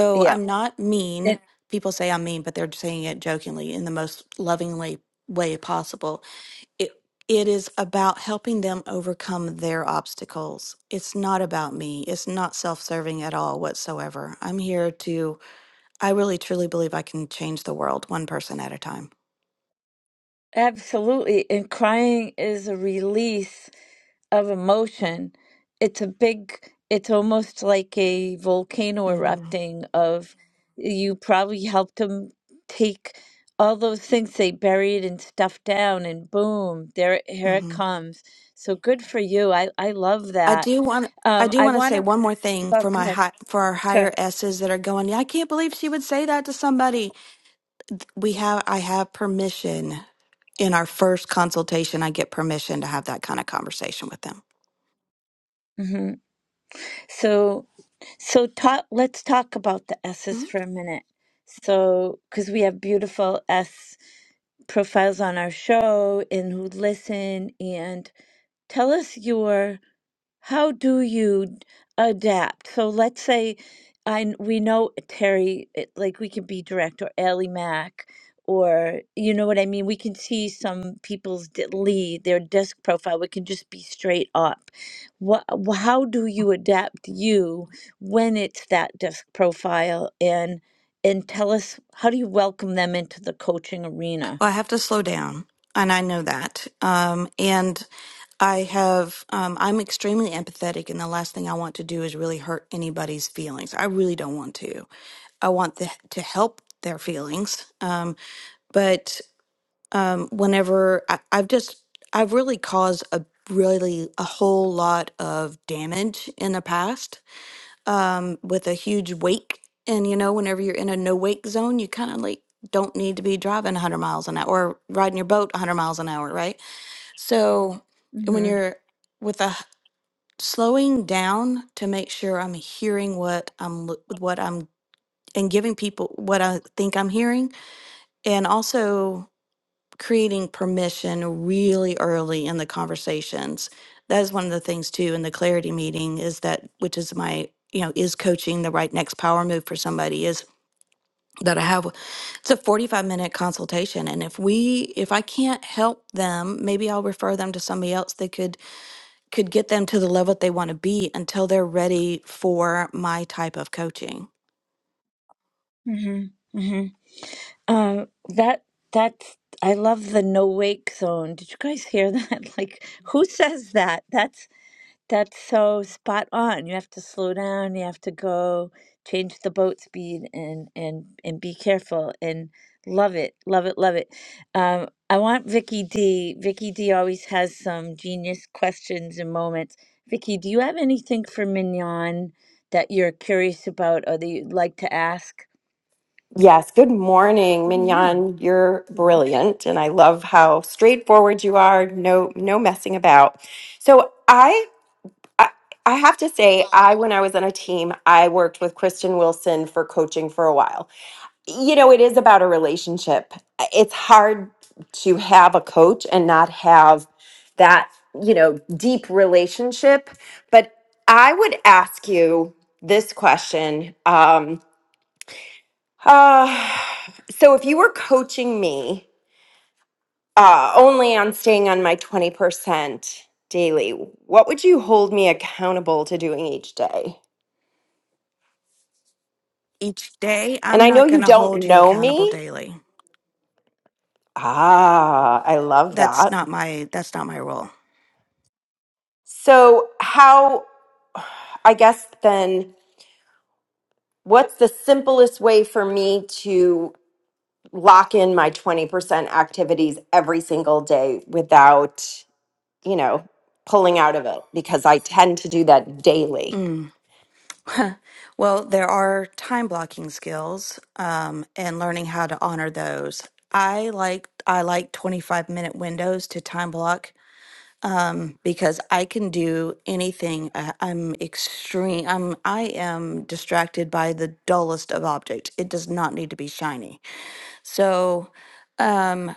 Speaker 1: yeah
Speaker 7: I'm not mean. People say I'm mean, but they're saying it jokingly in the most lovingly way possible. It it is about helping them overcome their obstacles. It's not about me. It's not self-serving at all whatsoever. I'm here to I really truly believe I can change the world one person at a time.
Speaker 1: Absolutely. And crying is a release of emotion. It's a big, it's almost like a volcano
Speaker 7: hmm
Speaker 1: erupting of you probably helped them take all those things they buried and stuffed down and boom, there it- here it
Speaker 7: hmm
Speaker 1: comes. So good for you. I I love
Speaker 7: I
Speaker 1: that.
Speaker 7: do want I
Speaker 1: Um
Speaker 7: do
Speaker 1: I
Speaker 7: want to
Speaker 1: want
Speaker 7: say
Speaker 1: to
Speaker 7: one more thing
Speaker 1: oh,
Speaker 7: for
Speaker 1: go
Speaker 7: my
Speaker 1: ahead.
Speaker 7: hi, for our higher
Speaker 1: Sure.
Speaker 7: S's that are going. Yeah, I can't believe she would say that to somebody. We have I have permission in our first consultation. I get permission to have that kind of conversation with them.
Speaker 1: hmm So So talk, let's talk about the S's for a minute. So, because we have beautiful S profiles on our show and who listen, and tell us your how do you d- adapt? So let's say I kn- we know Terry, it- like we can be direct, or Ally Mac, or you know what I mean. We can see some people's d- lead, their desk profile. We can just be straight up. What? How do you adapt you when it's that desk profile? And and tell us how do you welcome them into the coaching arena?
Speaker 7: Well, I have to slow down, and I know that. Um, and I have, um, I'm extremely empathetic, and the last thing I want to do is really hurt anybody's feelings. I really don't want to. I want the, to help their feelings. Um, but um, whenever I, I've just, I've really caused a really a whole lot of damage in the past um, with a huge wake. And you know, whenever you're in a no wake zone, you kind of like don't need to be driving 100 miles an hour or riding your boat 100 miles an hour, right? So when
Speaker 1: Mm-hmm.
Speaker 7: you're with a h- slowing down to make sure I'm hearing what I'm lo- what I'm and giving people what I think I'm hearing, and also creating permission really early in the conversations. That is one of the things too in the clarity meeting is that which is my you know is coaching the right next power move for somebody is that I have it's a 45 minute consultation and if we if I can't help them maybe I'll refer them to somebody else that could could get them to the level that they want to be until they're ready for my type of coaching.
Speaker 1: Mm-hmm. Um, that that's I love the no wake zone. Did you guys hear that? Like, who says that? That's that's so spot on. You have to slow down. You have to go change the boat speed and and and be careful and love it, love it, love it. Um, I want Vicky D. Vicky D. always has some genius questions and moments. Vicky, do you have anything for Mignon that you're curious about or that you'd like to ask?
Speaker 5: Yes, good morning,
Speaker 7: Good morning.
Speaker 5: Mignon. You're
Speaker 7: Well,
Speaker 5: brilliant, and I love how straightforward you are. No, no messing about. So I, I, I have to say, I when I was on a team, I worked with Kristen Wilson for coaching for a while. you know, it is about a relationship. It's hard to have a coach and not have that, you know, deep relationship. But I would ask you this question. Um, uh, so if you were coaching me uh, only on staying on my 20% daily, what would you hold me accountable to doing each day?
Speaker 7: Each day,
Speaker 5: And
Speaker 7: I'm
Speaker 5: I
Speaker 7: not
Speaker 5: know
Speaker 7: going
Speaker 5: you
Speaker 7: to hold
Speaker 5: don't
Speaker 7: you
Speaker 5: know
Speaker 7: accountable
Speaker 5: me.
Speaker 7: daily.
Speaker 5: Ah, I love
Speaker 7: That's
Speaker 5: that.
Speaker 7: not my that's not my role.
Speaker 5: So, how, I guess then, what's the simplest way for me to lock in my 20% activities every single day without, you know, pulling out of it? Because I tend to do that daily.
Speaker 7: Mm. Well, there are time blocking skills, um, and learning how to honor those. I like I like 25 minute windows to time block um, because I can do anything. I, I'm extreme. I'm I am distracted by the dullest of objects. It does not need to be shiny. So um,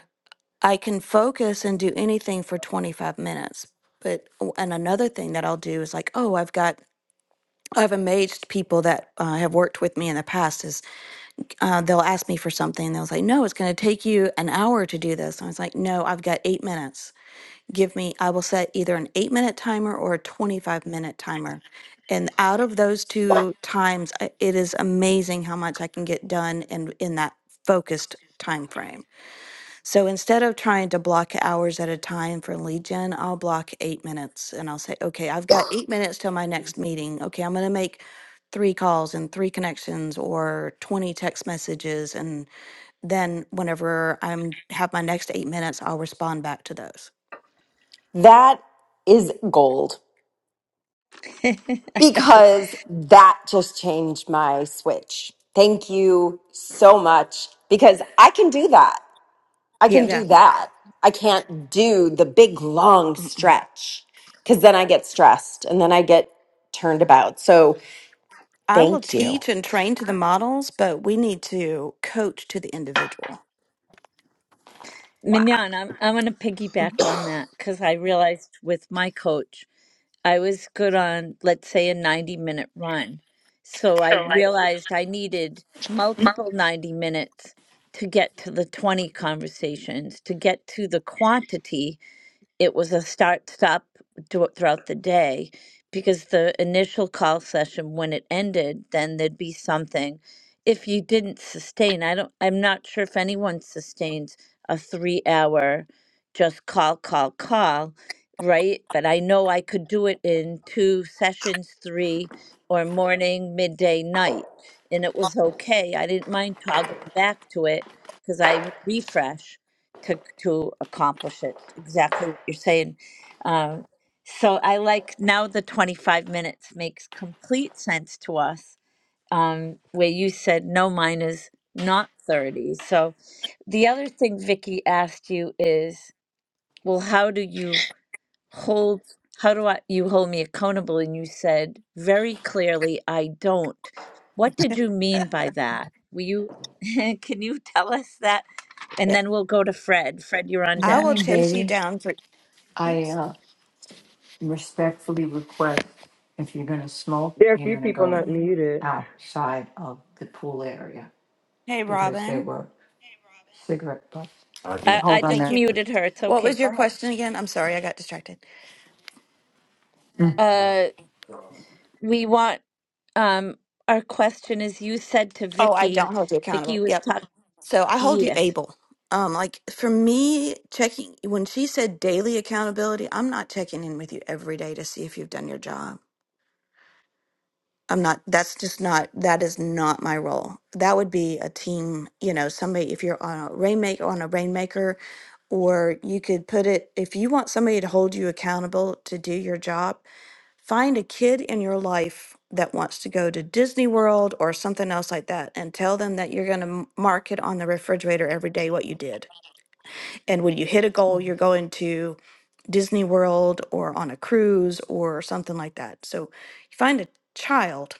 Speaker 7: I can focus and do anything for 25 minutes. But oh, and another thing that I'll do is like, oh, I've got I've amazed people that uh, have worked with me in the past is uh, they'll ask me for something and they'll say, no, it's going to take you an hour to do this. And I was like, no, I've got eight minutes. Give me, I will set either an eight minute timer or a 25 minute timer. And out of those two times, I- it is amazing how much I can get done in, in that focused time frame. So instead of trying to block hours at a time for lead gen, I'll block eight minutes and I'll say, okay, I've got eight minutes till my next meeting. Okay, I'm going to make three calls and three connections or 20 text messages. And then whenever I'm have my next eight minutes, I'll respond back to those.
Speaker 5: That is gold
Speaker 1: I know.
Speaker 5: because that just changed my switch. Thank you so much because I can do that. I
Speaker 1: Yeah.
Speaker 5: can
Speaker 7: Yeah.
Speaker 5: do that. I can't do the big long
Speaker 7: Mm-mm.
Speaker 5: stretch because then I get stressed and then I get turned about. So
Speaker 7: I will
Speaker 5: thank you.
Speaker 7: teach and train to the models, but we need to coach to the individual.
Speaker 5: Wow.
Speaker 1: Mignon, I'm I'm gonna
Speaker 7: Mhm.
Speaker 1: piggyback on that because I realized with my coach, I was good on, let's say, a 90 minute run. So I
Speaker 6: Good
Speaker 1: realized I needed multiple 90 minutes to get to the 20 conversations, to get to the quantity it was a start stop throughout the day because the initial call session when it ended then there'd be something if you didn't sustain i don't i'm not sure if anyone sustains a 3 hour just call call call right but i know i could do it in two sessions 3 or morning midday night and it was okay i didn't mind toggling back to it cuz i would refresh to to accomplish it. Exactly what you're saying. Um, so I like now the 25 minutes makes complete sense to us. Um, where you said no, mine is not 30. So the other thing Vicky asked you is, well, how do you hold? How do I, you hold me accountable? And you said very clearly, I don't. What did you mean by that? Will you? Can you tell us that? And
Speaker 7: Yeah.
Speaker 1: then we'll go to Fred. Fred, you're on
Speaker 7: I will
Speaker 1: deck.
Speaker 6: morning,
Speaker 7: chase you
Speaker 6: baby.
Speaker 7: down for,
Speaker 6: I
Speaker 7: oops.
Speaker 6: uh, respectfully request if you're going to smoke,
Speaker 8: There are a
Speaker 6: you're
Speaker 8: few
Speaker 6: going to
Speaker 8: people
Speaker 6: go
Speaker 8: not
Speaker 7: Mhm.
Speaker 8: muted.
Speaker 6: outside of the pool area
Speaker 7: Hey,
Speaker 6: because they
Speaker 7: Robin.
Speaker 6: were cigarette butts.
Speaker 1: I, I
Speaker 6: Hold on
Speaker 1: just
Speaker 7: Thank
Speaker 6: there.
Speaker 7: you.
Speaker 1: muted her. It's
Speaker 7: What
Speaker 1: okay.
Speaker 7: was
Speaker 1: Go
Speaker 7: your
Speaker 1: ahead.
Speaker 7: question again? I'm sorry, I got distracted.
Speaker 1: Uh, we want um our question is you said to
Speaker 7: Oh, I
Speaker 1: Vicky.
Speaker 7: don't hold you
Speaker 1: Vicky
Speaker 7: accountable.
Speaker 1: was
Speaker 7: Yep.
Speaker 1: talking.
Speaker 7: So I hold you
Speaker 1: Yes.
Speaker 7: able. Um, like for me, checking when she said daily accountability, I'm not checking in with you every day to see if you've done your job. I'm not, that's just not, that is not my role. That would be a team, you know, somebody, if you're on a rainmaker, on a rainmaker, or you could put it, if you want somebody to hold you accountable to do your job, find a kid in your life that wants to go to Disney World or something else like that and tell them that you're going to mark it on the refrigerator every day what you did. And when you hit a goal,
Speaker 1: Mhm.
Speaker 7: you're going to Disney World or on a cruise or something like that. So you find a child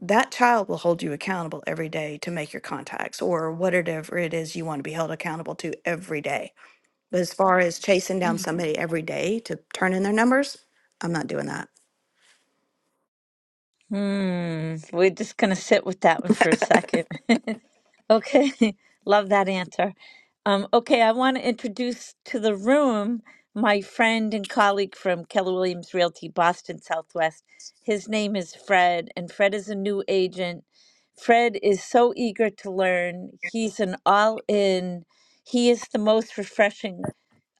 Speaker 7: that child will hold you accountable every day to make your contacts or whatever it is you want to be held accountable to every day. But as far as chasing down
Speaker 1: Mhm.
Speaker 7: somebody every day to turn in their numbers, I'm not doing that.
Speaker 1: Hmm. We're just gonna sit with that one for a second. Okay, love that answer. Um, okay, I want to introduce to the room my friend and colleague from Keller Williams Realty, Boston Southwest. His name is Fred, and Fred is a new agent. Fred is so eager to learn. He's an all in. He is the most refreshing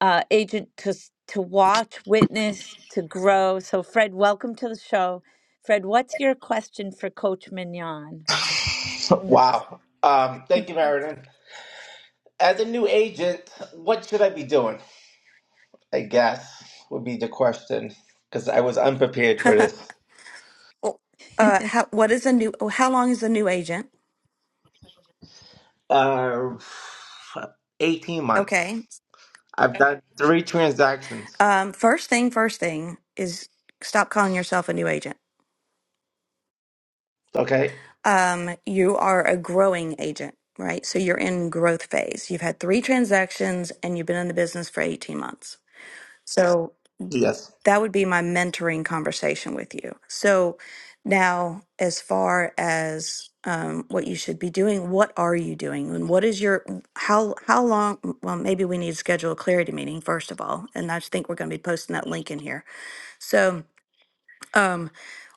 Speaker 1: uh, agent to, s- to watch, witness, to grow. So, Fred, welcome to the show. Fred, what's your question for Coach Mignon?
Speaker 9: Wow. Um, thank you, Meriden. As a new agent, what should I be doing? I guess would be the question because I was unprepared for this.
Speaker 7: Oh, Uh, how, what is a new, oh, how long is a new agent?
Speaker 9: Uh, 18 months.
Speaker 7: Okay.
Speaker 9: I've done three transactions.
Speaker 7: Um, first thing, first thing is stop calling yourself a new agent.
Speaker 9: Okay.
Speaker 7: Um, you are a growing agent, right? So you're in growth phase. You've had three transactions and you've been in the business for 18 months. So
Speaker 9: Yes.
Speaker 7: that would be my mentoring conversation with you. So now, as far as um, what you should be doing, what are you doing, and what is your how how long? Well, maybe we need to schedule a clarity meeting first of all, and I just think we're going to be posting that link in here. So um,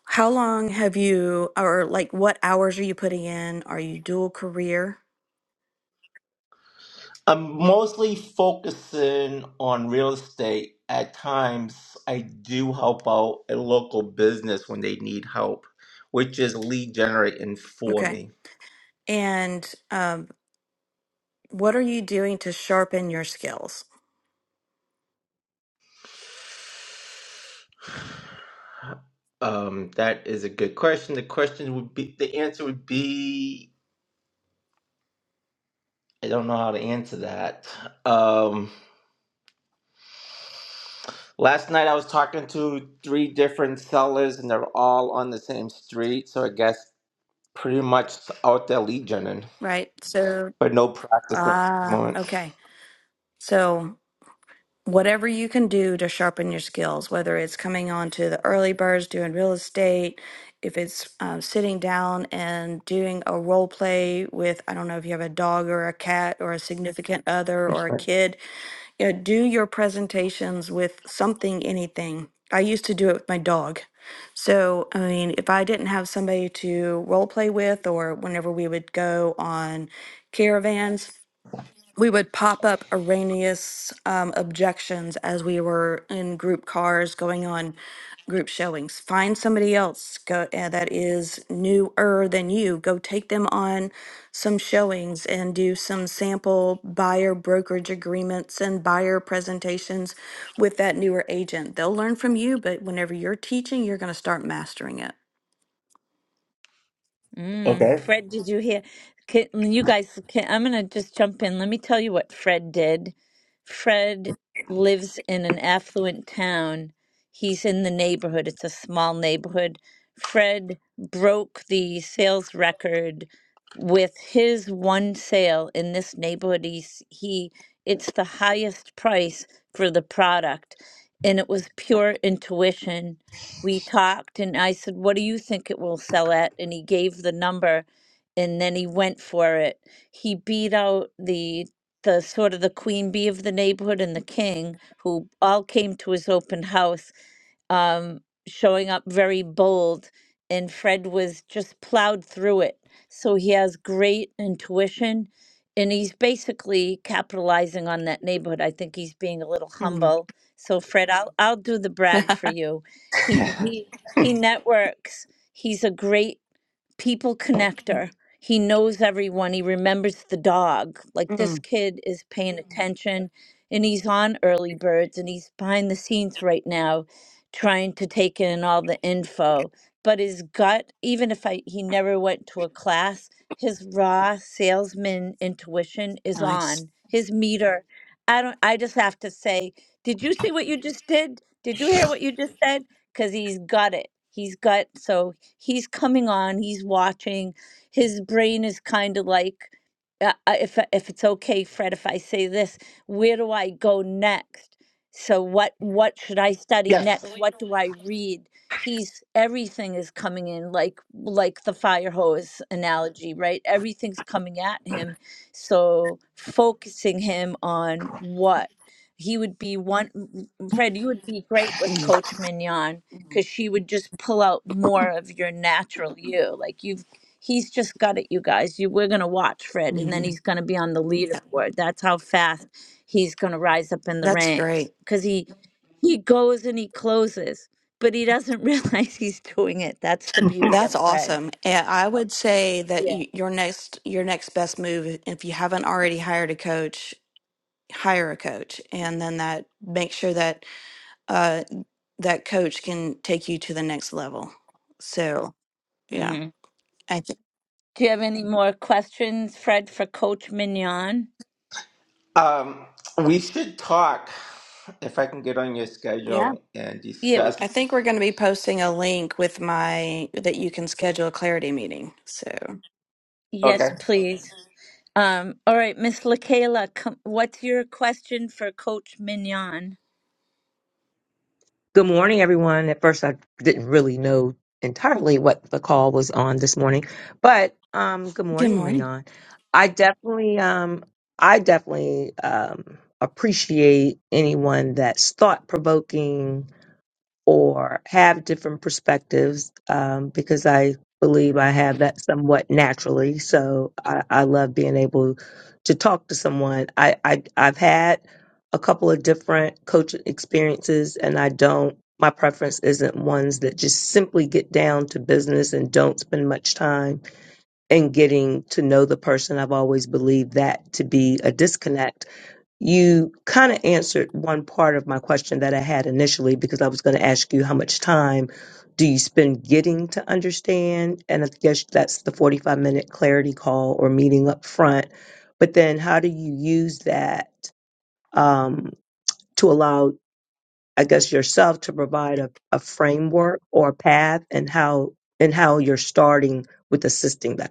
Speaker 7: how long have you, or like what hours are you putting in? Are you dual career?
Speaker 9: I'm mostly focusing on real estate. At times, I do help out a local business when they need help, which is lead generating for
Speaker 7: Okay.
Speaker 9: me.
Speaker 7: And um, what are you doing to sharpen your skills?
Speaker 9: Um, that is a good question. The question would be, the answer would be, I don't know how to answer that. Um, last night I was talking to three different sellers and they're all on the same street, so I guess pretty much out there lead genning,
Speaker 7: Right. So,
Speaker 9: but no practice at the
Speaker 7: ah,
Speaker 9: moment.
Speaker 7: okay. So whatever you can do to sharpen your skills, whether it's coming on to the early birds doing real estate, if it's um, sitting down and doing a role play with, I don't know if you have a dog or a cat or a significant other or a
Speaker 9: Right.
Speaker 7: kid, you know, do your presentations with something, anything. I used to do it with my dog. So, I mean, if I didn't have somebody to role play with, or whenever we would go on caravans, we would pop up erroneous um, objections as we were in group cars going on group showings. Find somebody else go, uh, that is newer than you. Go take them on some showings and do some sample buyer brokerage agreements and buyer presentations with that newer agent. They'll learn from you, but whenever you're teaching, you're going to start mastering it.
Speaker 1: Mm,
Speaker 9: Okay.
Speaker 1: Fred, did you hear? Can, you guys, can, I'm going to just jump in. Let me tell you what Fred did. Fred lives in an affluent town. He's in the neighborhood, it's a small neighborhood. Fred broke the sales record with his one sale in this neighborhood. He's, he, it's the highest price for the product, and it was pure intuition we talked and I said, What do you think it will sell at? And he gave the number and then he went for it. He beat out the the sort of the queen bee of the neighborhood and the king who all came to his open house um, showing up very bold, and Fred was just plowed through it. So he has great intuition, and he's basically capitalizing on that neighborhood. I think he's being a little
Speaker 7: Mm,
Speaker 1: humble. So Fred, I'll I'll do the brag for you. He he he networks. He's a great people connector. He knows everyone. He remembers the dog. Like this
Speaker 7: mm,
Speaker 1: kid is paying Mhm. attention and he's on early birds and he's behind the scenes right now trying to take in all the info. But his gut, even if I he never went to a class, his raw salesman intuition is
Speaker 7: nice.
Speaker 1: on. His meter. I don't I just have to say, did you see what you just did? Did you hear what you just said? Cuz he's got it. He's got so he's coming on, he's watching. His brain is kind of like, uh, uh, if uh, if it's okay, Fred, if I say this, where do I go next? So what what should I study
Speaker 9: Yes.
Speaker 1: next? What do I read? He's everything is coming in like like the fire hose analogy, right? Everything's coming at him. So focusing him on what he would be one. Fred, you would be great with
Speaker 7: Mm,
Speaker 1: Coach Mignon because she would just pull out more of your natural you. Like you've, he's just got it, you guys. You, we're gonna watch Fred, and then
Speaker 7: mhm.
Speaker 1: he's gonna be on the
Speaker 7: That-
Speaker 1: leaderboard. That's how fast he's gonna rise up in the
Speaker 7: That's great.
Speaker 1: ranks because he he goes and he closes, but he doesn't realize he's doing it. That's the beauty
Speaker 7: That's
Speaker 1: of Fred.
Speaker 7: awesome. And I
Speaker 1: So,
Speaker 7: would say that
Speaker 1: yeah.
Speaker 7: y your next your next best move, if you haven't already hired a coach, hire a coach, and then that make sure that uh, that coach can take you to the next level. So yeah,
Speaker 1: hmm
Speaker 7: I think
Speaker 1: Do you have any more questions, Fred, for Coach Mignon?
Speaker 9: Um, we should talk if I can get on your
Speaker 7: yeah,
Speaker 9: schedule and
Speaker 1: Yeah.
Speaker 7: I
Speaker 9: discuss.
Speaker 7: think we're going to be posting a link with my that you can schedule a clarity meeting. So
Speaker 9: Okay.
Speaker 1: Yes, please. Um, all right, Miss LaKayla, come, what's your question for Coach Mignon?
Speaker 7: good morning.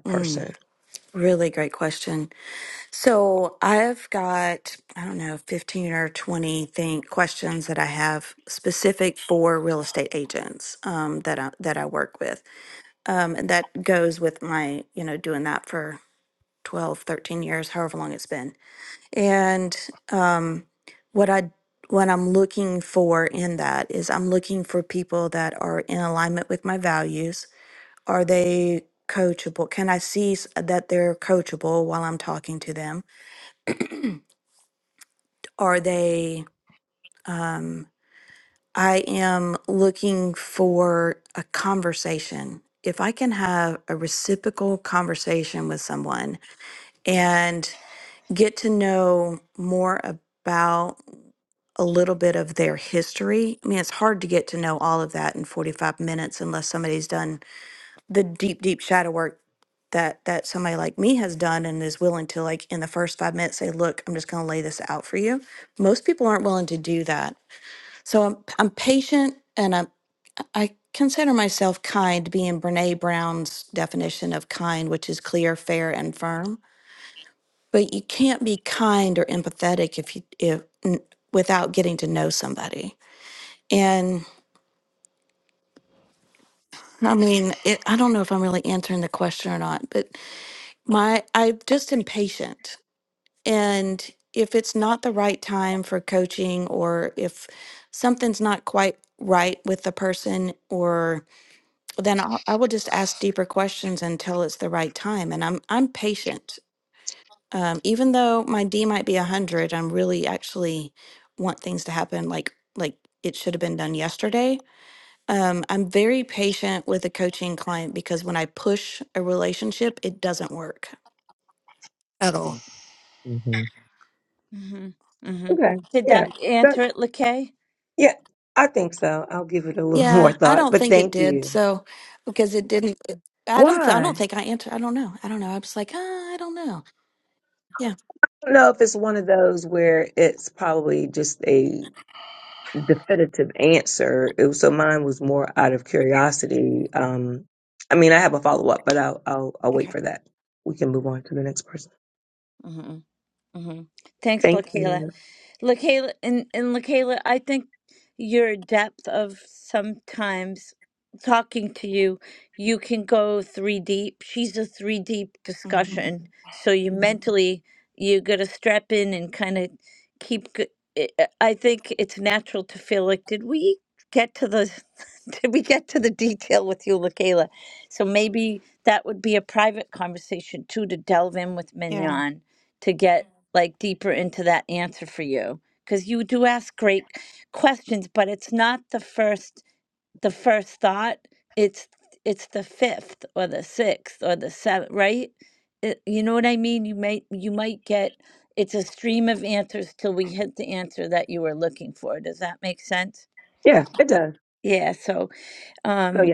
Speaker 7: Mm, really great question. So I've got, I don't know, 15 or 20 think questions that I have specific for real estate agents um, that I, that I work with. Um, and that goes with my, you know, doing that for 12 13 years, however long it's been. And um, what I what I'm looking for in that is I'm looking for people that are in alignment with my values. Are they coachable? Can I see s- that they're coachable while I'm talking to them? Are they, um, I am looking for a conversation. If I can have a reciprocal conversation with someone and get to know more about a little bit of their history. I mean, it's hard to get to know all of that in 45 minutes unless somebody's done the deep, deep shadow work that that somebody like me has done and is willing to like in the first five minutes say, look, I'm just gonna lay this out for you. Most people aren't willing to do that. So I'm I'm patient and I'm I consider myself kind, being Brene Brown's definition of kind, which is clear, fair, and firm. But you can't be kind or empathetic if you if n- without getting to know somebody. And I mean, it, I don't know if I'm really answering the question or not, but my I'm just impatient, and if it's not the right time for coaching, or if something's not quite right with the person, or Then I'll, I will just ask deeper questions until it's the right time. And I'm I'm patient. Um, even though my D might be a hundred, I'm really actually want things to happen like like it should have been done yesterday. Um, I'm very patient with a coaching client because when I push a relationship, it doesn't work.
Speaker 1: Mm-hmm. Mm-hmm. Did that answer it, LaKay?
Speaker 7: Yeah, I don't think it did. So because it didn't, it- I don't. I don't think I answered. I don't know. I don't know. I was like, ah, I don't know. Yeah. Okay.
Speaker 1: Mm-hmm. Mm-hmm. Thanks, LaKayla. LaKayla and, and LaKayla, I think your depth of sometimes talking to you, you can go three deep. She's a three deep
Speaker 7: Mhm.
Speaker 1: discussion. So you Mhm. mentally, you got to strap in and kind of keep. g- I I- I think it's natural to feel like, did we get to the, did we get to the detail with you, LaKayla? So maybe that would be a private conversation too, to delve in with
Speaker 7: Yeah.
Speaker 1: Mignon to get like deeper into that answer for you because you do ask great questions but it's not the first the first thought it's it's the fifth or the sixth or the seventh right it, you know what i mean you might you might get it's a stream of answers till we hit the answer that you were looking for does that make sense yeah so um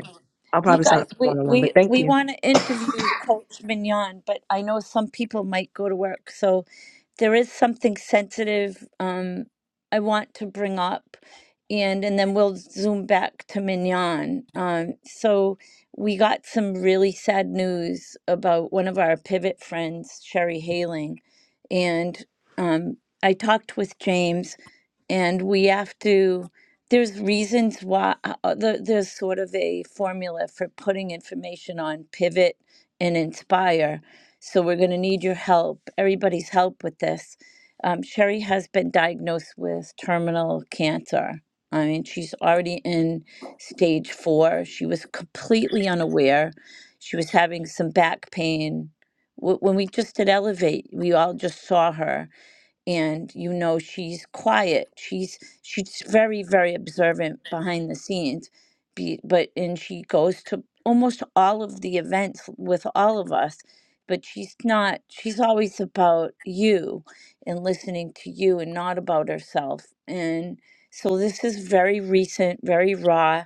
Speaker 1: you guys we we we want to interview coach mignon but i know some people might go to work so there is something sensitive um, I want to bring up, and and then we'll zoom back to Mignon. Um, so we got some really sad news about one of our pivot friends, Sherry Haling, and um, I talked with James and we have to there's reasons why uh, uh, there- there's sort of a formula for putting information on pivot and inspire so we're going to need your help everybody's help with this um, sherry has been diagnosed with terminal cancer i mean she's already in stage four she was completely unaware she was having some back pain Wh- when we just did elevate we all just saw her and you know she's quiet she's she's very very observant behind the scenes be, but and she goes to almost all of the events with all of us but she's not she's always about you and listening to you and not about herself and so this is very recent very raw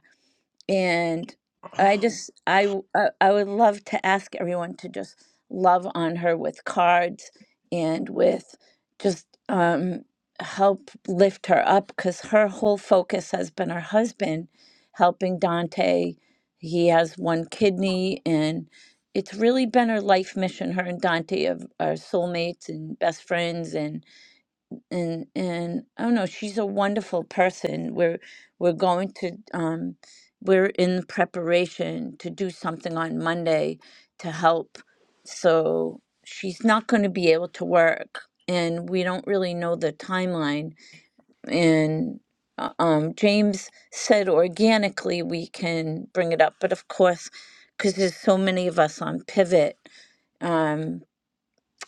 Speaker 1: and I just I w- I I would love to ask everyone to just love on her with cards and with just um help lift her up cuz her whole focus has been her husband helping Dante. He has one kidney and it's really been her life mission. Her and Dante of- are soulmates and best friends and and and I don't know. She's a wonderful person. We're we're going to um, we're in preparation to do something on Monday to help. So she's not going to be able to work, and we don't really know the timeline. And uh, um, James said organically we can bring it up, but of course, because there's so many of us on Pivot, um,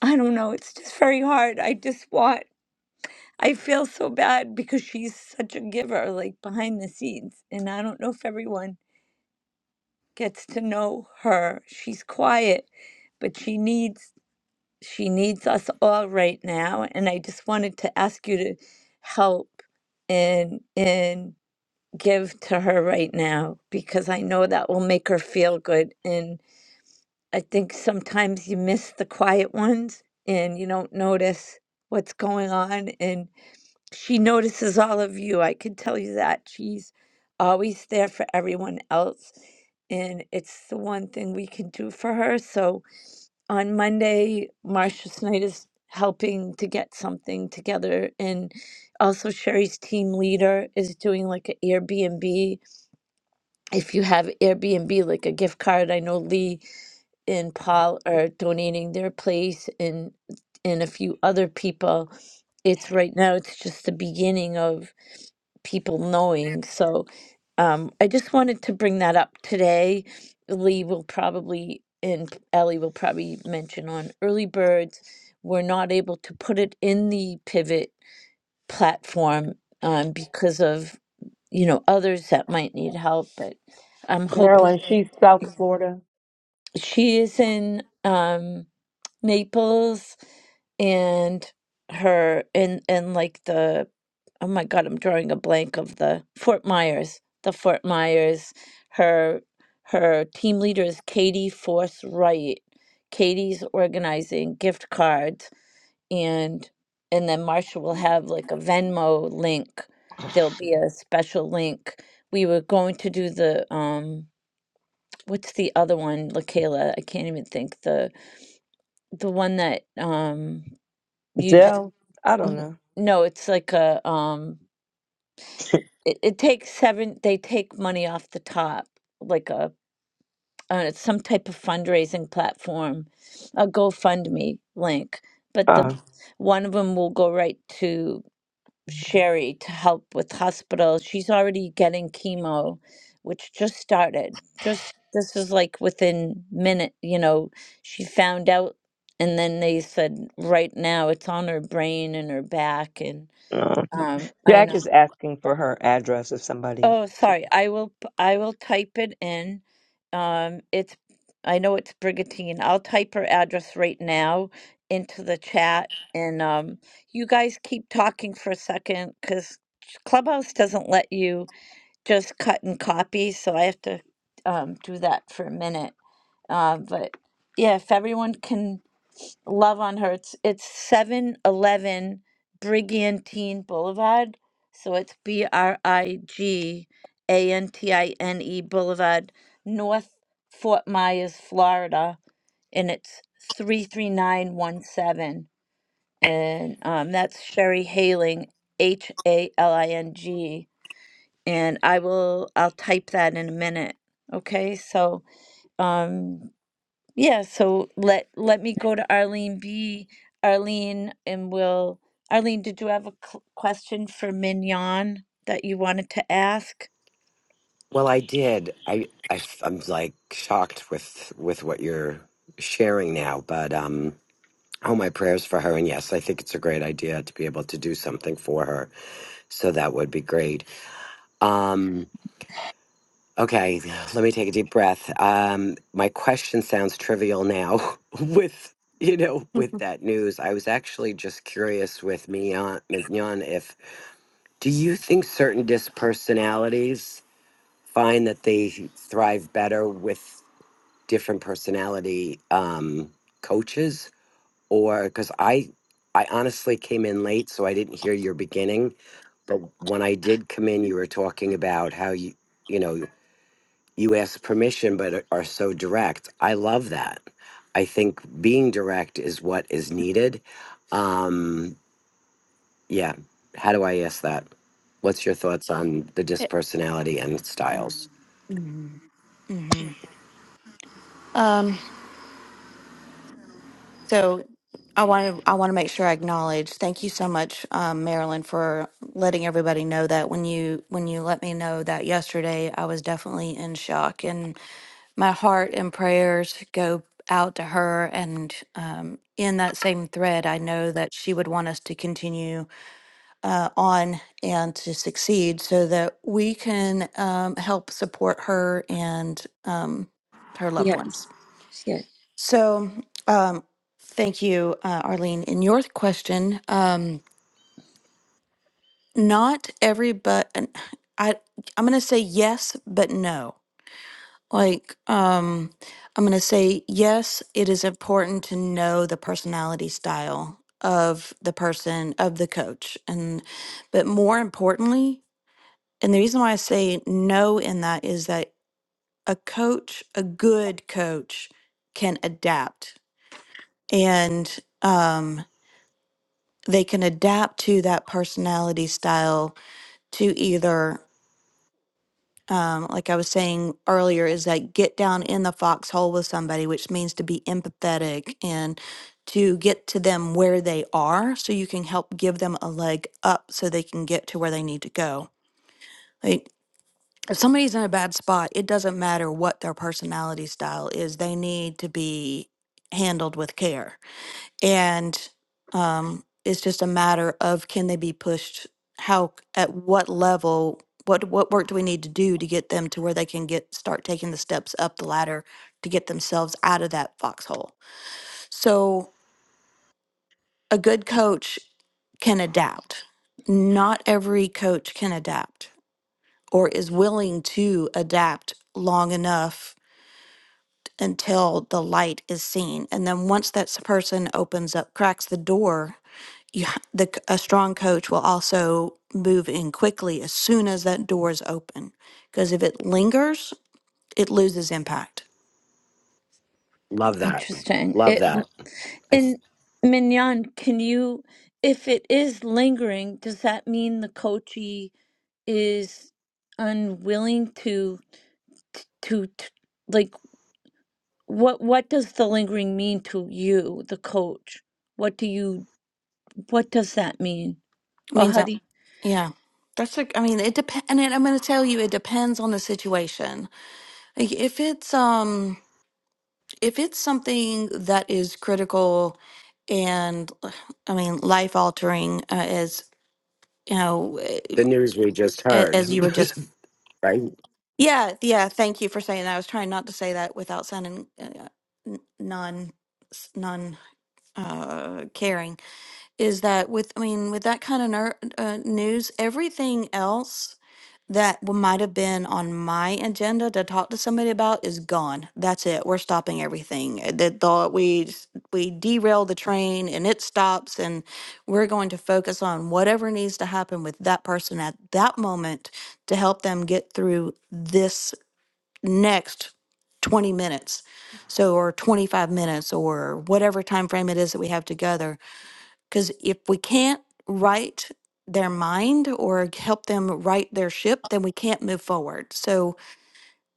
Speaker 1: I don't know. It's just very hard. I just want. I feel so bad because she's such a giver, like behind the scenes. And I don't know if everyone gets to know her. She's quiet, but she needs she needs us all right now. And I just wanted to ask you to help and and give to her right now because I know that will make her feel good. And I think sometimes you miss the quiet ones and you don't notice what's going on and. She notices all of you. I can tell you that. She's always there for everyone else. And it's the one thing we can do for her. So on Monday, Marcia Snyder's helping to get something together. And also, Sherry's team leader is doing like an Airbnb. If you have Airbnb, like a gift card, I know Lee and Paul are donating their place and and a few other people. It's right now, it's just the beginning of people knowing. So um, I just wanted to bring that up today. Lee will probably and Ellie will probably mention on early birds. We're not able to put it in the pivot platform um, because of you know others that might need help. But I'm hoping
Speaker 8: Marilyn, She's South Florida.
Speaker 1: she is in. Um, Naples and her and and like the oh my God, I'm drawing a blank of the Fort Myers, the Fort Myers. Her her team leader is Katie Force Wright. Katie's organizing gift cards and and then Marsha will have like a Venmo link. There'll be a special link. We were going to do the um what's the other one, LaKayla? I can't even think the the one that um you just n- no, it's like a um it, it takes seven they take money off the top, like a uh, it's some type of fundraising platform, a GoFundMe link. But the one of them will go right to Sherry to help with hospital. She's already getting chemo, which just started. Just this is like within minute, you know, she found out and then they said right now it's on her brain and her back and Um, I know. Oh, sorry. I will. p- I will type it in. Um, it's. I know it's Brigantine. I'll type her address right now into the chat, and um, you guys keep talking for a second because Clubhouse doesn't let you just cut and copy, so I have to um, do that for a minute. Uh, but yeah, if everyone can love on her. It's it's seven eleven Brigantine Boulevard. So it's B R I G A N T I N E Boulevard, North Fort Myers, Florida, and it's three three nine one seven. And um, that's Sherry Haling, H A L I N G. And I will I'll type that in a minute. Okay, so um yeah, so let let me go to Arlene B. Arlene, and we'll. Arlene, did you have a c- question for Mignon that you wanted to ask?
Speaker 10: Well, I did. I i f- I'm like shocked with with what you're sharing now, but um, oh, my prayers for her. And yes, I think it's a great idea to be able to do something for her. So that would be great. Um, okay, let me take a deep breath. Um, my question sounds trivial now with you know with that news. I was actually just curious with Mignon, Mignon if do you think certain dispersonalities find that they thrive better with different personality um, coaches, or because I I honestly came in late, so I didn't hear your beginning. But when I did come in, you were talking about how you you know you ask permission, but are are so direct. I love that. I think being direct is what is needed. Um, yeah. How do I ask that? What's your thoughts on the
Speaker 7: It,
Speaker 10: dispersonality and styles?
Speaker 7: mm-hmm. Um, so I want to I want to make sure I acknowledge. Thank you so much, um, Marilyn, for letting everybody know that when you when you let me know that yesterday, I was definitely in shock, and my heart and prayers go out to her. And um, in that same thread, I know that she would want us to continue uh, on and to succeed, so that we can um, help support her and um, her loved
Speaker 1: Yes.
Speaker 7: ones.
Speaker 1: Yes.
Speaker 7: So, um, thank you, uh, Arlene. In your question, um, not every but I I'm going to say yes, but no. Like, um, I'm going to say yes. It is important to know the personality style of the person of the coach, and but more importantly, and the reason why I say no in that is that a coach, a good coach, can adapt and. um, they can adapt to that personality style to either um, like i was saying earlier is that get down in the foxhole with somebody which means to be empathetic and to get to them where they are so you can help give them a leg up so they can get to where they need to go like if somebody's in a bad spot it doesn't matter what their personality style is they need to be handled with care and um, it's just a matter of can they be pushed how at what level what what work do we need to do to get them to where they can get start taking the steps up the ladder to get themselves out of that foxhole so a good coach can adapt not every coach can adapt or is willing to adapt long enough until the light is seen. And then once that s- person opens up, cracks the door, you, ha- the, c- a strong coach will also move in quickly as soon as that door is open. Because if it lingers, it loses impact.
Speaker 10: Love that.
Speaker 1: Interesting.
Speaker 10: Love
Speaker 1: It
Speaker 10: that. I,
Speaker 1: and Mignon, can you, if it is lingering, does that mean the coachee is unwilling to to, to like what what does the lingering mean to you, the coach? What do you what does that mean? Oh,
Speaker 7: means that,
Speaker 1: honey.
Speaker 7: yeah. That's a, I mean, it depends, and it, I'm going to tell you, it depends on the situation. Like if it's, um, if it's something that is critical and, I mean, life altering, uh, is, you know, eh,
Speaker 10: the news we just
Speaker 7: a-
Speaker 10: heard,
Speaker 7: as you were just
Speaker 10: right?
Speaker 7: yeah yeah thank you for saying that i was trying not to say that without sounding uh, n- non s- non uh caring is that with i mean with that kind of ner- uh, news everything else that w- might have been on my agenda to talk to somebody about is gone. That's it. We're stopping everything. Uh, That thought we s- we derail the train and it stops, and we're going to focus on whatever needs to happen with that person at that moment to help them get through this next twenty minutes, so or twenty five minutes or whatever time frame it is that we have together because if we can't right their mind or help them right their ship, then we can't move forward. So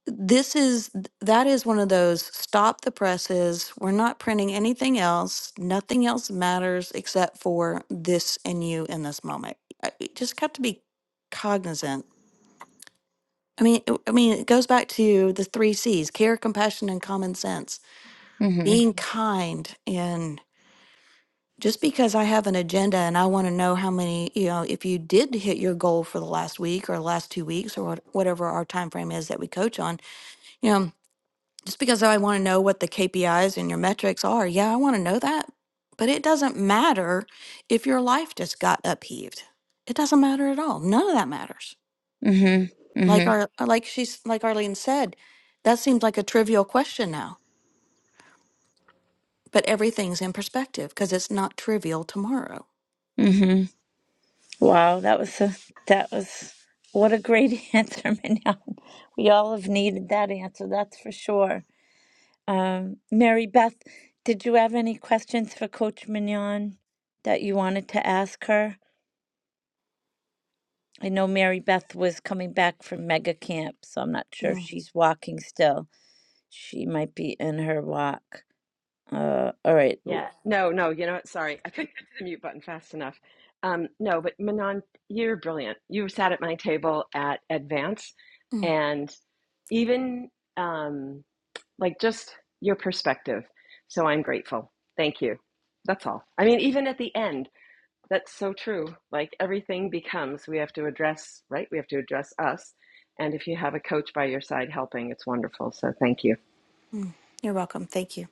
Speaker 7: this is that is one of those stop the presses. We're not printing anything else. Nothing else matters except for this and you in this moment. I- You just got to be cognizant. I mean, I mean, it goes back to the three C's: care, compassion, and common sense.
Speaker 1: Mhm.
Speaker 7: Being kind and just because I have an agenda and I want to know how many, you know, if you did hit your goal for the last week or last two weeks or what, whatever our time frame is that we coach on, you know, just because I want to know what the KPIs and your metrics are, yeah, I want to know that, but it doesn't matter if your life just got upheaved. It doesn't matter at all. None of that matters.
Speaker 1: Mhm.
Speaker 7: Like
Speaker 1: Mhm.
Speaker 7: our, like she's, like Arlene said, that seems like a trivial question now, but everything's in perspective because it's not trivial tomorrow.
Speaker 1: Mhm. Wow, that was a that was what a great answer, Mignon. We all have needed that answer, that's for sure. Um, Mary Beth, did you have any questions for Coach Mignon that you wanted to ask her? I know Mary Beth was coming back from mega camp, so I'm not sure if she's walking still. She might be in her walk. Uh, all right.
Speaker 4: Yeah, no, no, you know what? Sorry, I couldn't get to the mute button fast enough. Um, no, but Manon, you're brilliant. You sat at my table at Advance, and even um, like just your perspective. So I'm grateful. Thank you. That's all. I mean, even at the end, that's so true. Like everything becomes, we have to address, right? We have to address us. And if you have a coach by your side helping, it's wonderful. So thank you.
Speaker 7: Mm, You're welcome. Thank you.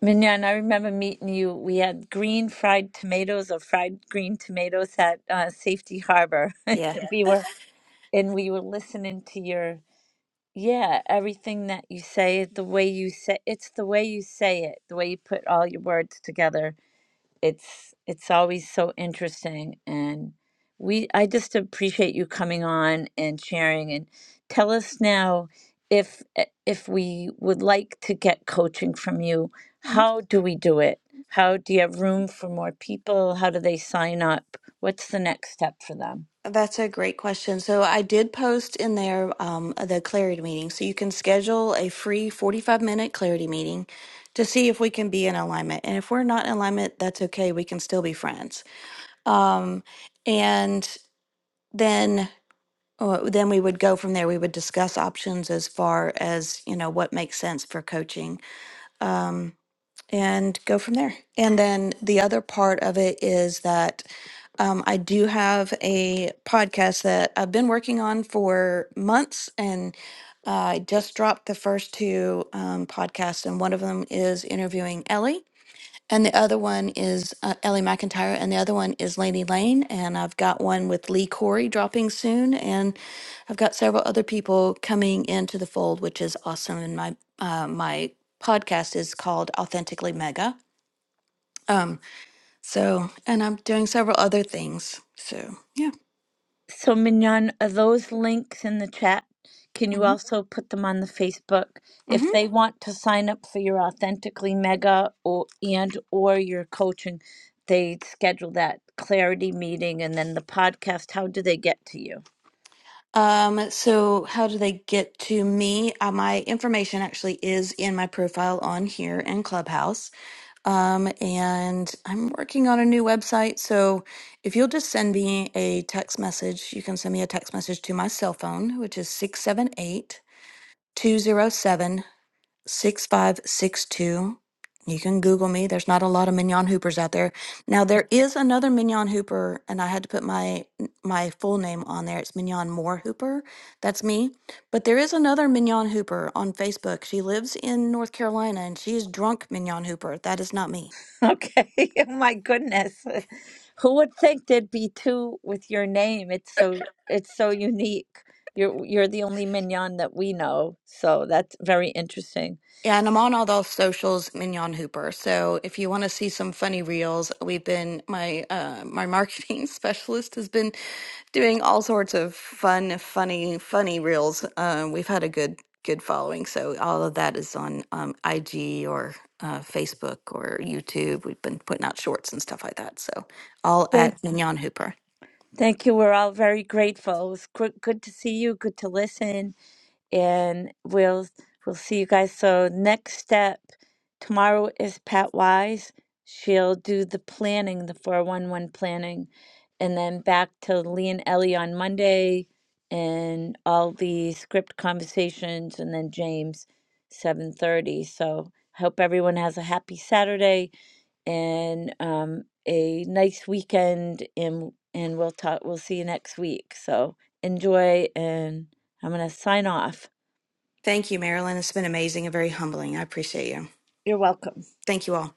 Speaker 1: Mignon, I remember meeting you. We had green fried tomatoes or fried green tomatoes at uh, Safety Harbor.
Speaker 7: Yeah.
Speaker 1: Yeah. we were and we were listening to your yeah, everything that you say, the way you say it's the way you say it, the way you put all your words together it's it's always so interesting and we i just appreciate you coming on and sharing and tell us now if eh, if we would like to get coaching from you
Speaker 7: Mhm.
Speaker 1: how do we do it how do you have room for more people how do they sign up what's the next step for them
Speaker 7: That's a great question. So I did post in there um, the clarity meeting. So you can schedule a free 45 minute clarity meeting to see if we can be in alignment. And if we're not in alignment, that's okay. We can still be friends. Um, and then uh, then we would go from there. We would discuss options as far as you know what makes sense for coaching. Um, and go from there. And then the other part of it is that um, I do have a podcast that I've been working on for months, and uh, I just dropped the first two um, podcasts, and one of them is interviewing Ellie. And the other one is uh, Ellie McIntyre, and the other one is Laney Lane. And I've got one with Lee Corey dropping soon. And I've got several other people coming into the fold, which is awesome. And my, uh, my podcast is called Authentically Mega. Um, so, and I'm doing several other things. So, yeah.
Speaker 1: So Mignon, are those links in the chat? Can you
Speaker 7: hmm
Speaker 1: also put them on the Facebook
Speaker 7: hmm
Speaker 1: if they want to sign up for your authentically mega or and or your coaching? They schedule that clarity meeting and then the podcast. How do they get to you?
Speaker 7: Um, so, how do they get to me? Uh, my information actually is in my profile on here in Clubhouse. Um, and I'm working on a new website. So if you'll just send me a text message, you can send me a text message to my cell phone, which is 678 207 6562. You can Google me. There's not a lot of Mignon Hoopers out there. Now there is another Mignon Hooper, and I had to put my my full name on there. It's Mignon Moore Hooper. That's me. But there is another Mignon Hooper on Facebook. She lives in North Carolina, and she is drunk Mignon Hooper. That is not me.
Speaker 1: Okay. Oh my goodness. Who would think there'd be two with your name? It's so it's so unique. You're you're the only mignon that we know. So that's very interesting.
Speaker 7: Yeah, and I'm on all those socials, Mignon Hooper. So if you want to see some funny reels, we've been my uh, my marketing specialist has been doing all sorts of fun, funny, funny reels. Um, we've had a good good following, so all of that is on um, IG or uh, Facebook or YouTube. We've been putting out shorts and stuff like that. So all at Mignon Hooper.
Speaker 1: Thank you. We're all very grateful. It was gr- good to see you. Good to listen, and we'll we'll see you guys. So next step tomorrow is Pat Wise. She'll do the planning, the four one one planning, and then back to Lee and Ellie on Monday, and all the script conversations, and then James seven thirty. So hope everyone has a happy Saturday and um, a nice weekend and and we'll talk we'll see you next week so enjoy and i'm going to sign off
Speaker 7: Thank you, Marilyn. It's been amazing and very humbling. I appreciate you.
Speaker 1: You're welcome.
Speaker 7: Thank you all.